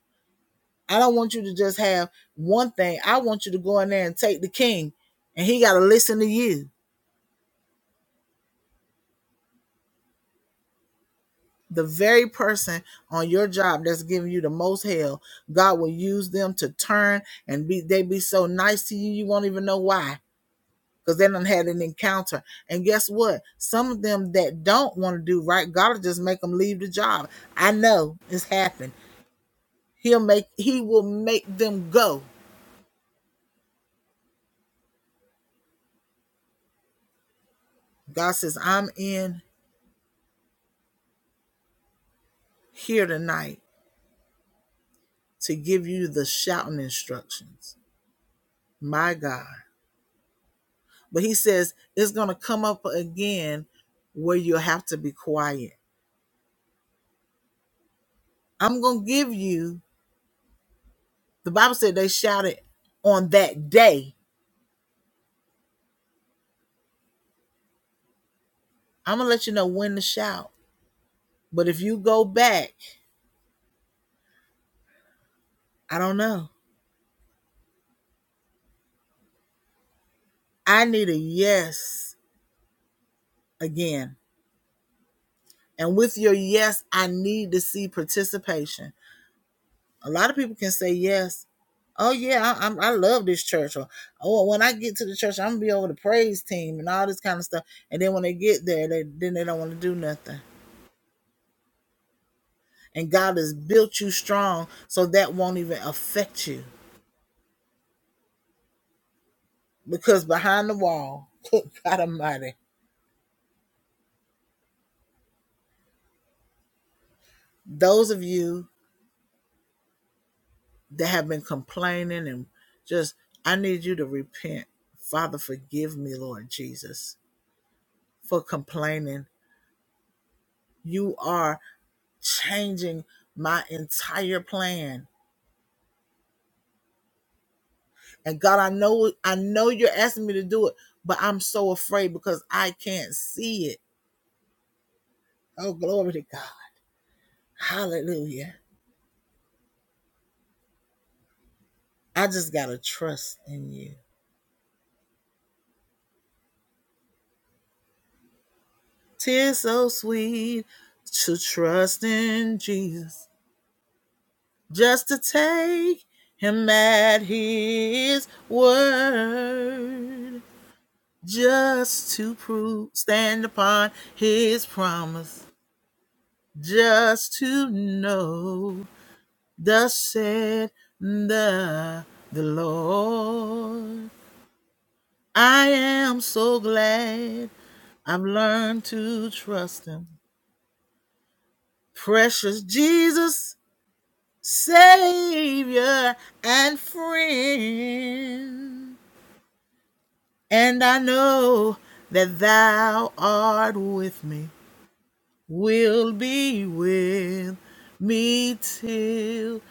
Speaker 3: I don't want you to just have one thing. I want you to go in there and take the king, and he got to listen to you. the very person on your job that's giving you the most hell god will use them to turn and be they be so nice to you you won't even know why because they done had an encounter and guess what some of them that don't want to do right god will just make them leave the job i know it's happened he'll make he will make them go god says i'm in here tonight to give you the shouting instructions my god But he says it's going to come up again where you'll have to be quiet. I'm going to give you, the Bible said they shouted on that day. I'm going to let you know when to shout. But if you go back, I don't know. I need a yes again. And with your yes, I need to see participation. A lot of people can say yes. Oh yeah, I, i I love this church. Or oh, when I get to the church, I'm gonna be over the praise team and all this kind of stuff. And then when they get there, they then they don't want to do nothing. And God has built you strong, so that won't even affect you. Because behind the wall, good God Almighty, those of you that have been complaining and just, I need you to repent. Father, forgive me, Lord Jesus, for complaining. You are changing my entire plan. And God, I know I know you're asking me to do it, but I'm so afraid because I can't see it. Oh, glory to God. Hallelujah. I just gotta trust in you. Tis so sweet to trust in Jesus. Just to take him at his word. Just to prove stand upon his promise just to know thus said the, the Lord. I am so glad I've learned to trust him. Precious Jesus, Savior and friend. And I know that thou art with me will be with me till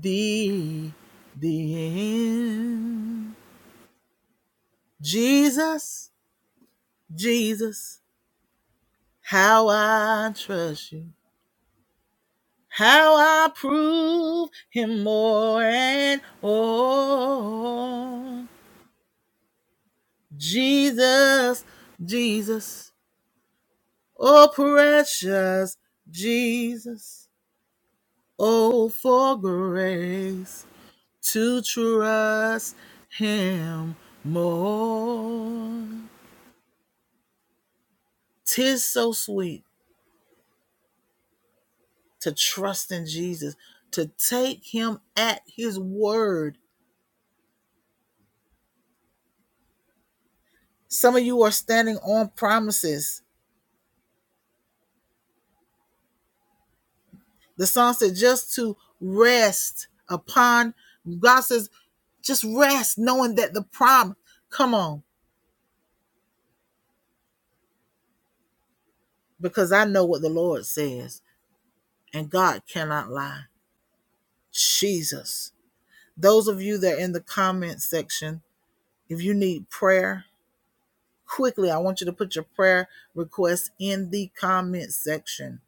Speaker 3: the, the end. Jesus, Jesus, how I trust you. How I prove him more and more. Jesus, Jesus, oh precious Jesus, oh for grace to trust him more, 'tis so sweet to trust in Jesus, to take him at his word. Some of you are standing on promises. The song said just to rest upon God says, just rest, knowing that the promise. Come on, because I know what the Lord says, and God cannot lie. Jesus. Those of you that are in the comment section, If you need prayer, quickly, I want you to put your prayer request in the comment section.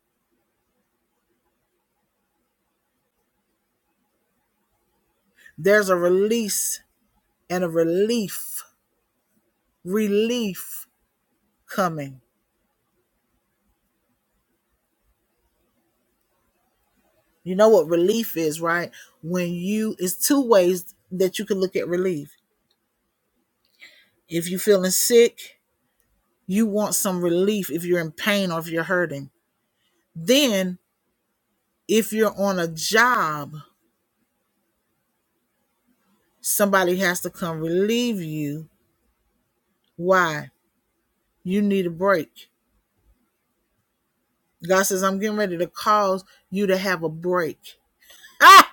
Speaker 3: There's a release and a relief, relief coming. You know what relief is, right? When you, it's two ways that you can look at relief. If you're feeling sick, you want some relief if you're in pain or if you're hurting. Then, if you're on a job, somebody has to come relieve you. Why? You need a break God says, I'm getting ready to cause you to have a break. Ah!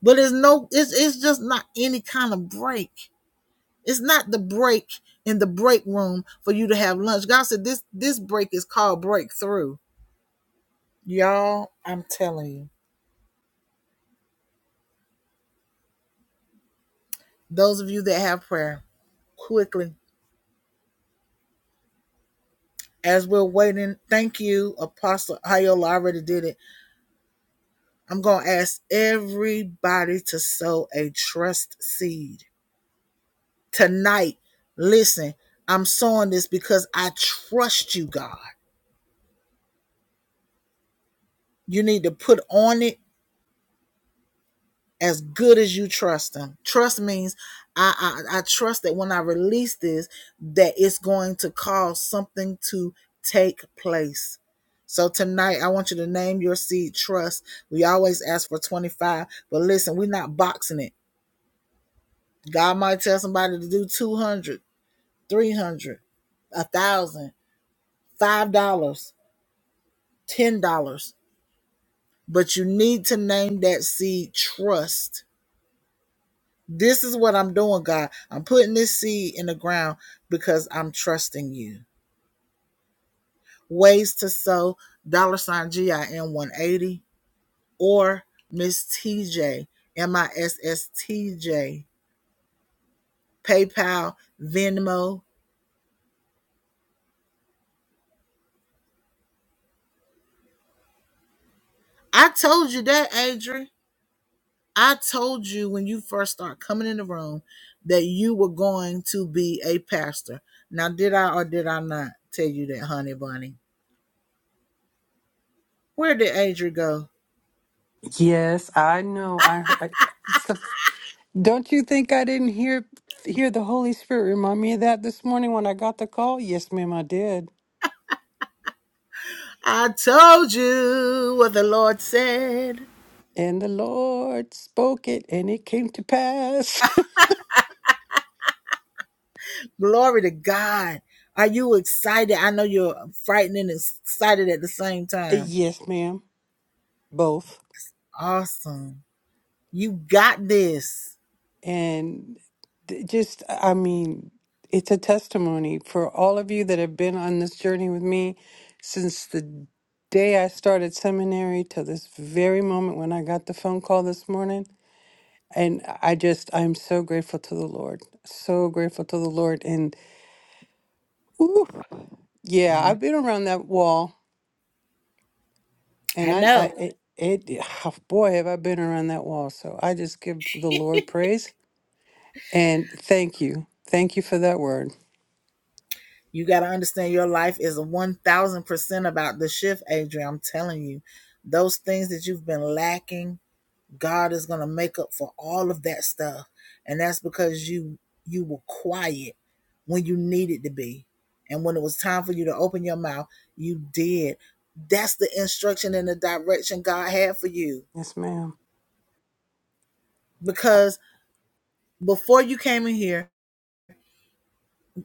Speaker 3: But it's no, it's it's just not any kind of break. It's not the break in the break room for you to have lunch. God said this this break is called breakthrough. Y'all, I'm telling you. Those of you that have prayer, quickly. As we're waiting, thank you, Apostle Ayola. I already did it. I'm gonna ask everybody to sow a trust seed. tonight. Listen, I'm sowing this because I trust you, God. You need to put on it as good as you trust Him. Trust means I, I, I trust that when I release this, that it's going to cause something to take place. So tonight, I want you to name your seed trust. We always ask for 25, but listen, we're not boxing it. God might tell somebody to do 200, a thousand, five dollars, $10. but you need to name that seed trust. This is what I'm doing, God. I'm putting this seed in the ground because I'm trusting you. Ways to sow dollar sign GIN 180 or Miss T J M I S S T J. PayPal, Venmo. I told you that, Adrian. I told you when you first start coming in the room that you were going to be a pastor. Now, did I or did I not tell you that, honey bunny? Where did Adrian go?
Speaker 6: Yes, I know. I heard. I, so- don't you think I didn't hear hear the Holy Spirit remind me of that this morning when I got the call? Yes, ma'am, I did.
Speaker 3: I told you what the Lord said.
Speaker 6: And the Lord spoke it, and it came to pass.
Speaker 3: Glory to God. Are you excited? I know you're frightened and excited at the same time.
Speaker 6: yes, ma'am, both.
Speaker 3: Awesome. You got this.
Speaker 6: And th- just, I mean, it's a testimony for all of you that have been on this journey with me since the day I started seminary till this very moment when I got the phone call this morning. And I just, I'm so grateful to the Lord. So grateful to the Lord. And ooh, yeah,
Speaker 3: Mhm.
Speaker 6: I've been around that wall
Speaker 3: I
Speaker 6: and I, I
Speaker 3: know.
Speaker 6: it, it, boy, have I been around that wall. So I just give the Lord praise and thank you. Thank you for that word.
Speaker 3: You got to understand your life is 1000% about the shift, Adrian. I'm telling you, those things that you've been lacking, God is going to make up for all of that stuff. And that's because you you were quiet when you needed to be. And when it was time for you to open your mouth, you did. That's the instruction and the direction God had for you.
Speaker 6: Yes, ma'am.
Speaker 3: Because before you came in here,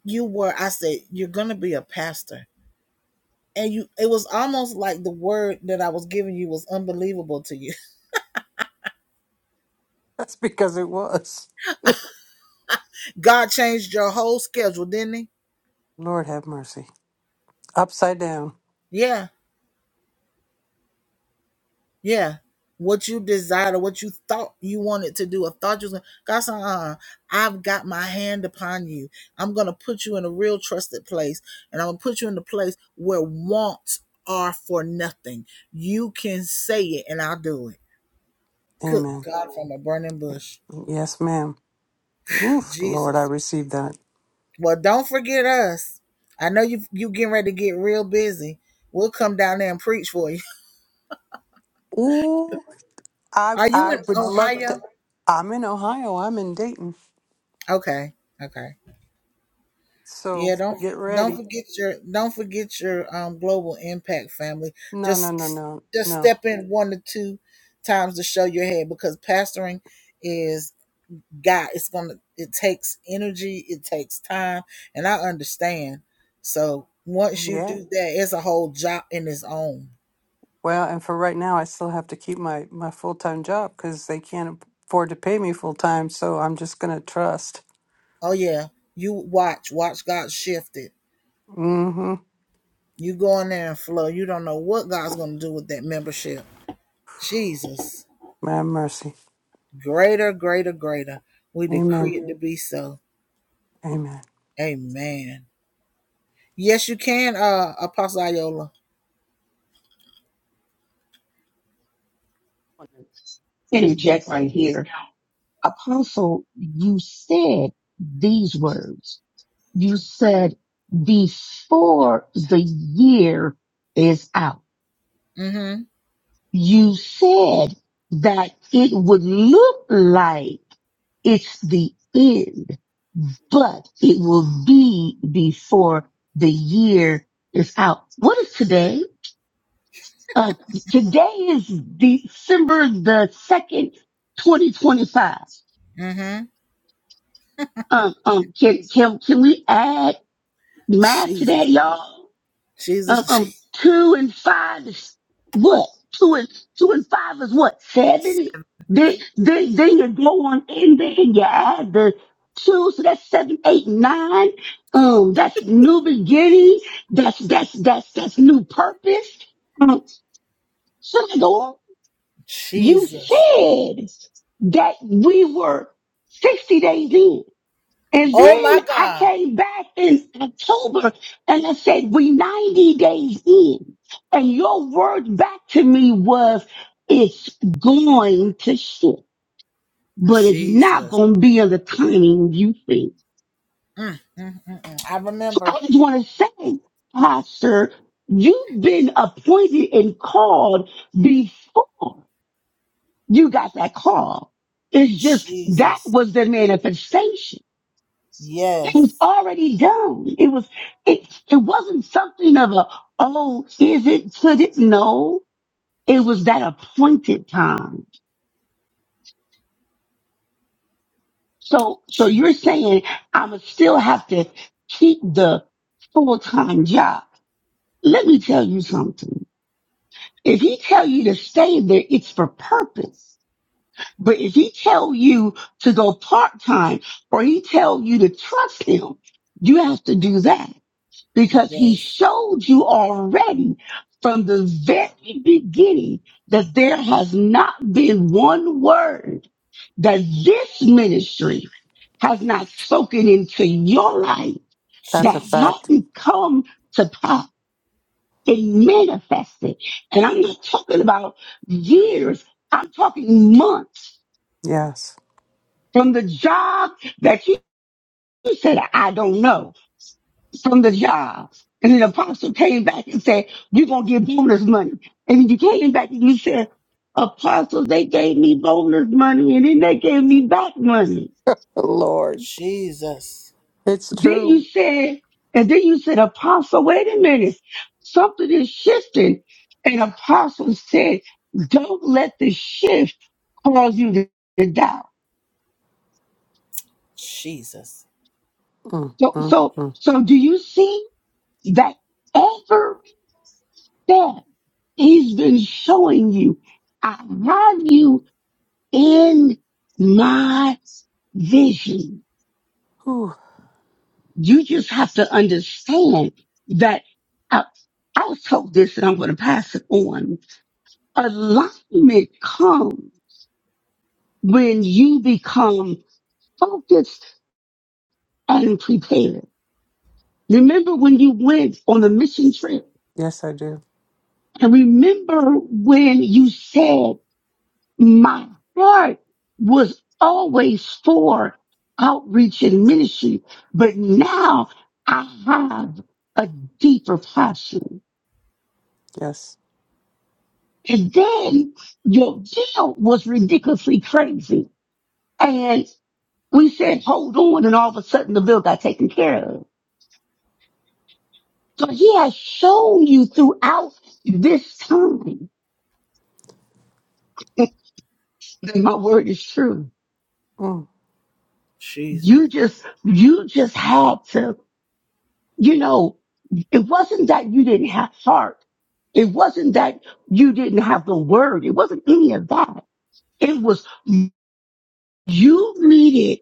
Speaker 3: you were I said you're going to be a pastor. And you it was almost like the word that I was giving you was unbelievable to you.
Speaker 6: That's because it was.
Speaker 3: God changed your whole schedule, didn't he?
Speaker 6: Lord have mercy. Upside down.
Speaker 3: Yeah Yeah. What you desired or what you thought you wanted to do or thought you was gonna God said, uh, I've got my hand upon you. I'm gonna put you in a real trusted place, and I'm gonna put you in the place where wants are for nothing. You can say it and I'll do it. Good
Speaker 6: Amen.
Speaker 3: God from a burning bush.
Speaker 6: Yes, ma'am. Oof, Lord, I
Speaker 3: Jesus.
Speaker 6: received that.
Speaker 3: Well, don't forget us. I know you you getting ready to get real busy. We'll come down there and preach for you.
Speaker 6: Ooh, I
Speaker 3: Are you
Speaker 6: I
Speaker 3: in
Speaker 6: would love to.
Speaker 3: Ohio?
Speaker 6: I'm in Ohio. I'm in Dayton.
Speaker 3: Okay. Okay.
Speaker 6: So
Speaker 3: Yeah, don't
Speaker 6: get
Speaker 3: don't
Speaker 6: ready.
Speaker 3: forget your don't forget your um global impact family.
Speaker 6: No, no, no,
Speaker 3: Just
Speaker 6: no,
Speaker 3: just
Speaker 6: no.
Speaker 3: step in one or two times to show your head because pastoring is God. It's gonna it takes energy, it takes time, and I understand. So once you
Speaker 6: Yeah.
Speaker 3: do that, it's a whole job in its own.
Speaker 6: Well, and for right now, I still have to keep my my full time job because they can't afford to pay me full time. So I'm just gonna trust.
Speaker 3: Oh yeah, you watch watch God shift it.
Speaker 6: Mm-hmm.
Speaker 3: You go in there and flow. You don't know what God's gonna do with that membership. Jesus.
Speaker 6: Have mercy.
Speaker 3: Greater, greater, greater. We
Speaker 6: Amen.
Speaker 3: decree it to be so.
Speaker 6: Amen.
Speaker 3: Amen. Yes, you can, uh, Apostle Ayola.
Speaker 2: want to interject right here. Apostle, you said these words. You said before the year is out.
Speaker 3: Mm-hmm.
Speaker 2: You said that it would look like it's the end, but it will be before the year is out. What is today? Uh, today is December the 2nd, 2025.
Speaker 3: Mm-hmm.
Speaker 2: Um, um, can, can, can we add math to
Speaker 3: Jesus.
Speaker 2: that, y'all? Um, um,
Speaker 3: Jesus.
Speaker 2: two and five is what? Two and, two and five is what? Seven? Then, then, then you go on in there and you add the two, so that's seven, eight, nine. Um, that's new beginning. That's, that's, that's, that's new purpose. Um, so I go on. You
Speaker 3: Jesus.
Speaker 2: said that we were 60 days in. And
Speaker 3: Oh my
Speaker 2: then I
Speaker 3: God.
Speaker 2: came back in October and I said, we 90 days in. And your word back to me was, it's going to shift, but it's not
Speaker 3: Jesus.
Speaker 2: going to be in the timing you think.
Speaker 3: Mm, mm, mm, mm. I
Speaker 2: So
Speaker 3: remember.
Speaker 2: I just want to say, Pastor, you've been appointed and called before you got that call. It's just that
Speaker 3: Jesus.
Speaker 2: was the manifestation. It was
Speaker 3: Yes.
Speaker 2: already done. It was it it wasn't something of a oh, is it, Should it? No. It was that appointed time. So so
Speaker 3: Je-
Speaker 2: you're saying I'ma still have to keep the full time job. Let me tell you something. If he tell you to stay there, it's for purpose. But if he tell you to go part time or he tell you to trust him, you have to do that. because he
Speaker 3: yes.
Speaker 2: showed you already from the very beginning that there has not been one word that this ministry has not spoken into your life that
Speaker 6: That's a
Speaker 3: Jesus.
Speaker 6: fact.
Speaker 2: hadn't come to pass. It manifested. And I'm not talking about years. I'm talking months
Speaker 6: Yes.
Speaker 2: from the job that you you said, I don't know from the job. And then the apostle came back and said, You're gonna get bonus money. And then you came back and you said, Apostle, they gave me bonus money and then they gave me back money.
Speaker 6: Lord,
Speaker 3: Jesus.
Speaker 6: it's
Speaker 2: Then
Speaker 6: true.
Speaker 2: you said, and then you said, Apostle, wait a minute, something is shifting. And apostle said, Don't let the shift cause you to, to doubt.
Speaker 3: Jesus.
Speaker 6: Mm,
Speaker 2: So
Speaker 6: mm,
Speaker 2: so
Speaker 6: mm.
Speaker 2: so do you see that every step he's been showing you I love you in my vision.
Speaker 6: Whew.
Speaker 2: You just have to understand that I, I'll tell this and I'm going to pass it on. Alignment comes when you become focused and prepared. Remember when you went on the mission trip
Speaker 6: Yes, I do.
Speaker 2: and remember when you said my heart was always for outreach and ministry, but now I have a deeper passion.
Speaker 6: Yes.
Speaker 2: And then your bill was ridiculously crazy. And we said, hold on. And all of a sudden the bill got taken care of. So he has shown you throughout this time that my word is true.
Speaker 6: Mm,
Speaker 3: Jesus.
Speaker 2: You just, you just had to you know, it wasn't that you didn't have heart. It wasn't that you didn't have the word. It wasn't any of that. It was you needed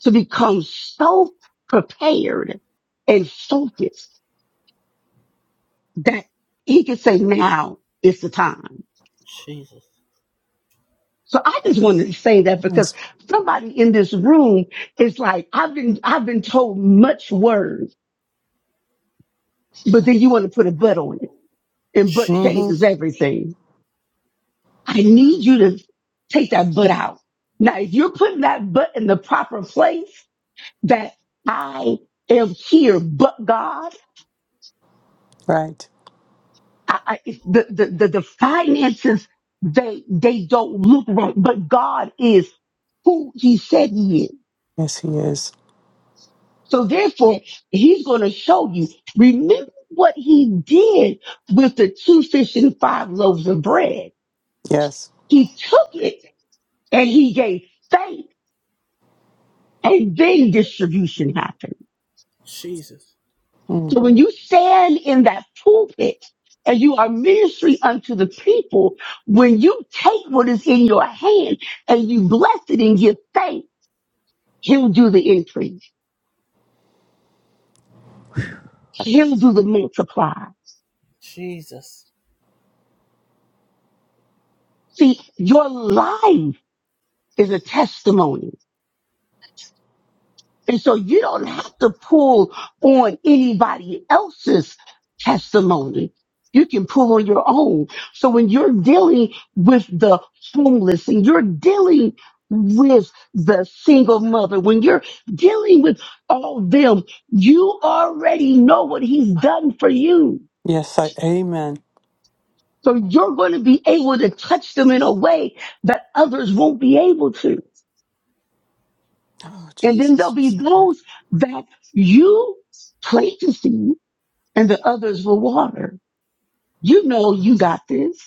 Speaker 2: to become so prepared and focused that he could say, now is the time.
Speaker 3: Jesus.
Speaker 2: So I just wanted to say that because
Speaker 6: yes.
Speaker 2: somebody in this room is like, I've been, I've been told much word, but then you want to put a but on it and but
Speaker 6: Mm-hmm.
Speaker 2: changes
Speaker 3: Jesus.
Speaker 2: everything. I need you to take that butt out. Now, if you're putting that butt in the proper place, that I am here, but God,
Speaker 6: Right.
Speaker 2: I, I, the, the, the, the finances, they, they don't look right, but God is who he said he is.
Speaker 6: Yes, he is.
Speaker 2: So therefore, he's going to show you. Remember what he did with the two fish and five loaves of bread.
Speaker 6: Yes.
Speaker 2: He took it and he gave faith and then distribution happened.
Speaker 3: Jesus.
Speaker 6: Mm.
Speaker 2: So when you stand in that pulpit and you are ministry unto the people, when you take what is in your hand and you bless it and give thanks, he'll do the increase. He'll do the multiply.
Speaker 3: Jesus.
Speaker 2: See, your life is a testimony And so you don't have to pull on anybody else's testimony. You can pull on your own. So when you're dealing with the homeless and you're dealing with the single mother, when you're dealing with all them, you already know what he's done for you.
Speaker 6: Yes. I. Amen.
Speaker 2: So you're going to be able to touch them in a way that others won't be able to.
Speaker 6: Oh,
Speaker 2: And then
Speaker 6: Jesus.
Speaker 2: there'll
Speaker 6: You're
Speaker 2: be
Speaker 6: so good.
Speaker 2: those that you planted seeds and the others were water. You know you got this.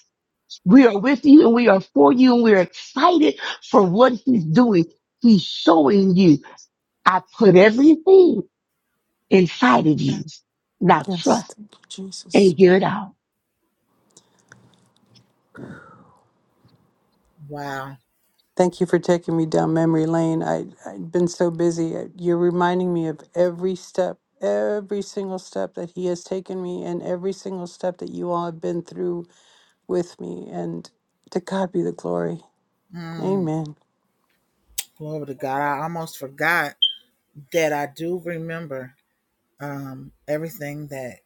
Speaker 2: We are with you and we are for you and we're excited for what he's doing. He's showing you, I put everything inside of you. Now
Speaker 6: Yes,
Speaker 2: trust
Speaker 6: thank you, Jesus.
Speaker 2: and give it out.
Speaker 3: Wow.
Speaker 6: Thank you for taking me down memory lane. I, I've been so busy. I- You're reminding me of every step, every single step that He has taken me, and every single step that you all have been through with me. And to God be the glory.
Speaker 3: Mm,
Speaker 6: Amen.
Speaker 3: glory to God. I almost forgot that I do remember um, everything that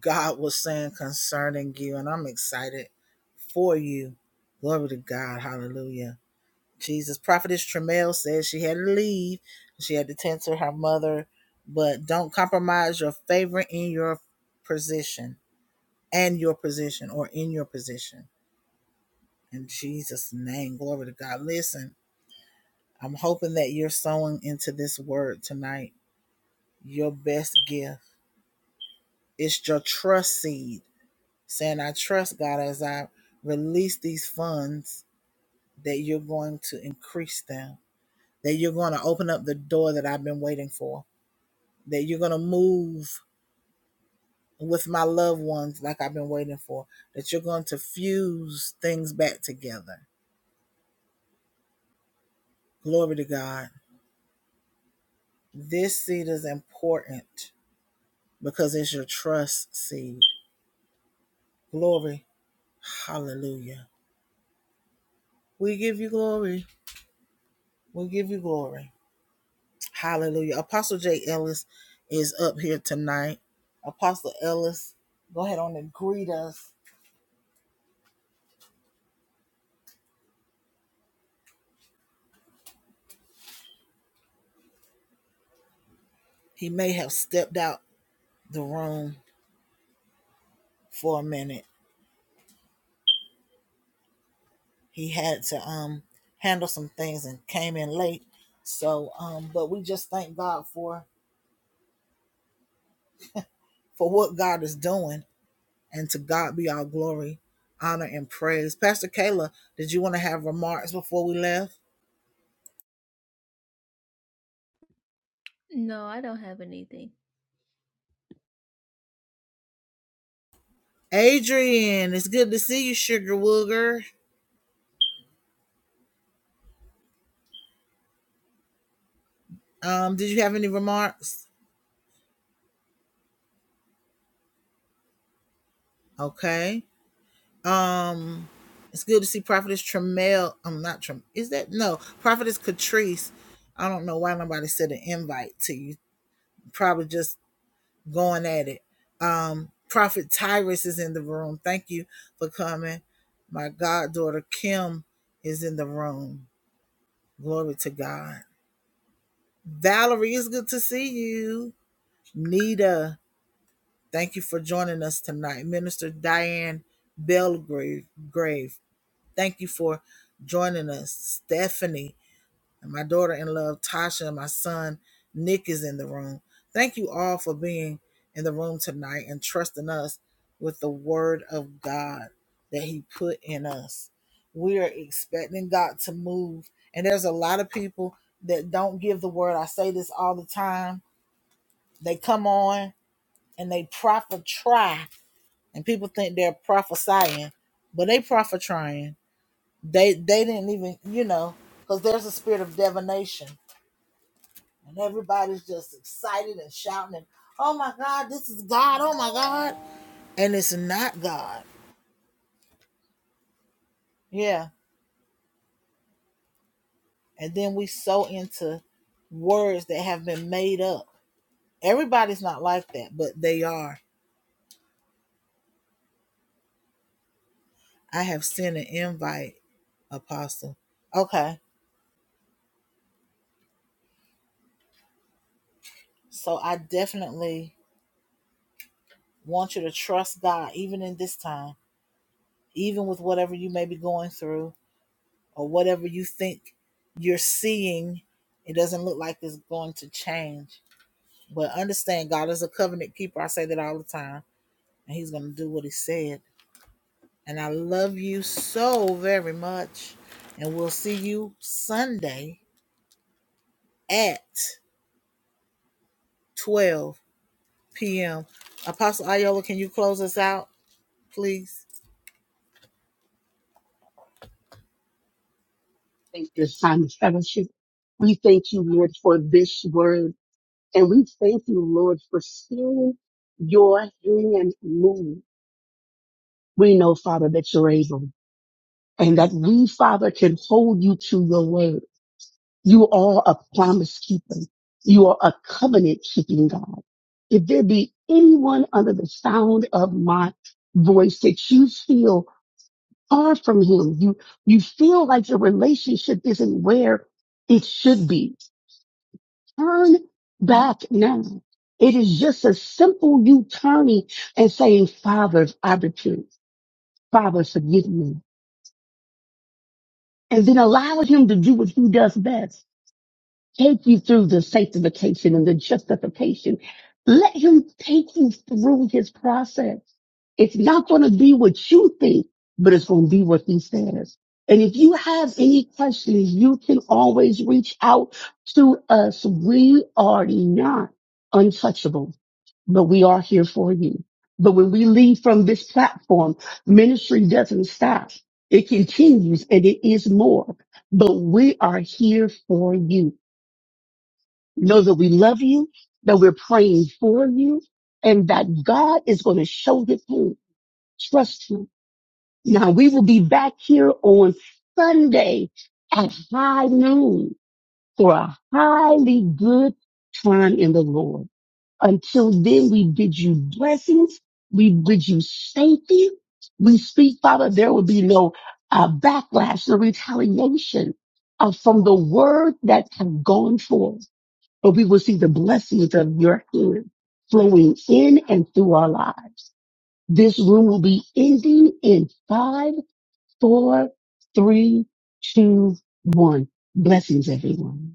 Speaker 3: God was saying concerning you, and I'm excited for you. Glory to God. Hallelujah. Jesus. Prophetess Tremel says she had to leave. She had to tend to her mother, but don't compromise your favor in your position and your position or in your position. In Jesus' name. Glory to God. Listen, I'm hoping that you're sowing into this word tonight your best gift. It's your trust seed saying, I trust God as I release these funds that you're going to increase them, that you're going to open up the door that I've been waiting for, that you're going to move with my loved ones like I've been waiting for, that you're going to fuse things back together. Glory to God. This seed is important because it's your trust seed. Glory. Hallelujah. We give you glory. We give you glory. Hallelujah. Apostle J. Ellis is up here tonight. Apostle Ellis, go ahead on and greet us. He may have stepped out the room for a minute. He had to um handle some things and came in late. So um, but we just thank God for for what God is doing and to God be all glory, honor, and praise. Pastor Kayla, did you want to have remarks before we left? Adrian, it's good to see you, Sugar Wooger. Um, did you have any remarks? Okay. Um, it's good to see Prophetess Tremel. I'm not Trem. Is that no Prophetess Catrice? I don't know why nobody said an invite to you. Probably just going at it. Um, Prophet Tyrus is in the room. Thank you for coming. My goddaughter Kim is in the room. Glory to God. Valerie, it's good to see you. Nita, thank you for joining us tonight. Minister Diane Belgrave, grave, Thank you for joining us, Stephanie, and my daughter in law Tasha, and my son, Nick, is in the room. Thank you all for being in the room tonight and trusting us with the word of God that He put in us. We are expecting God to move, and there's a lot of people that don't give the word. I say this all the time. They come on and they prophet try, and people think they're prophesying, but they prophet trying they they didn't even you know because there's a spirit of divination and everybody's just excited and shouting and oh my God this is God oh my God and it's not God yeah and then we so into words that have been made up. Everybody's not like that, but they are. I have sent an invite, Apostle. Okay. So I definitely want you to trust God even in this time, even with whatever you may be going through or whatever you think you're seeing, it doesn't look like it's going to change. But understand, God is a covenant keeper. I say that all the time, and He's going to do what He said. And I love you so very much. And we'll see you Sunday at 12 p.m. Apostle Ayola, can you close us out, please?
Speaker 2: Thank you, Simon Fellowship. We thank you, Lord, for this word. And we thank you, Lord, for seeing your hand move. We know, Father, that you're able and that we, Father, can hold you to your word You are a promise keeper. You are a covenant keeping God. If there be anyone under the sound of my voice that you feel far from him, you, you feel like your relationship isn't where it should be, turn back now. It is just a simple you turning and saying, Father, I repent. Father, forgive me. And then allow him to do what he does best take you through the sanctification and the justification. Let him take you through his process. It's not going to be what you think, but it's going to be what he says. And if you have any questions, you can always reach out to us. We are not untouchable, but we are here for you. But when we leave from this platform, ministry doesn't stop. It continues and it is more, but we are here for you. Know that we love you, that we're praying for you, and that God is going to show it through. Trust Him. Now we will be back here on Sunday at high noon for a highly good time in the Lord. Until then, we bid you blessings. We bid you safety. We speak, Father, there will be no uh, backlash or retaliation uh, from the word that have gone forth but we will see the blessings of your hand flowing in and through our lives. This room will be ending in five, four, three, two, one. Blessings, everyone.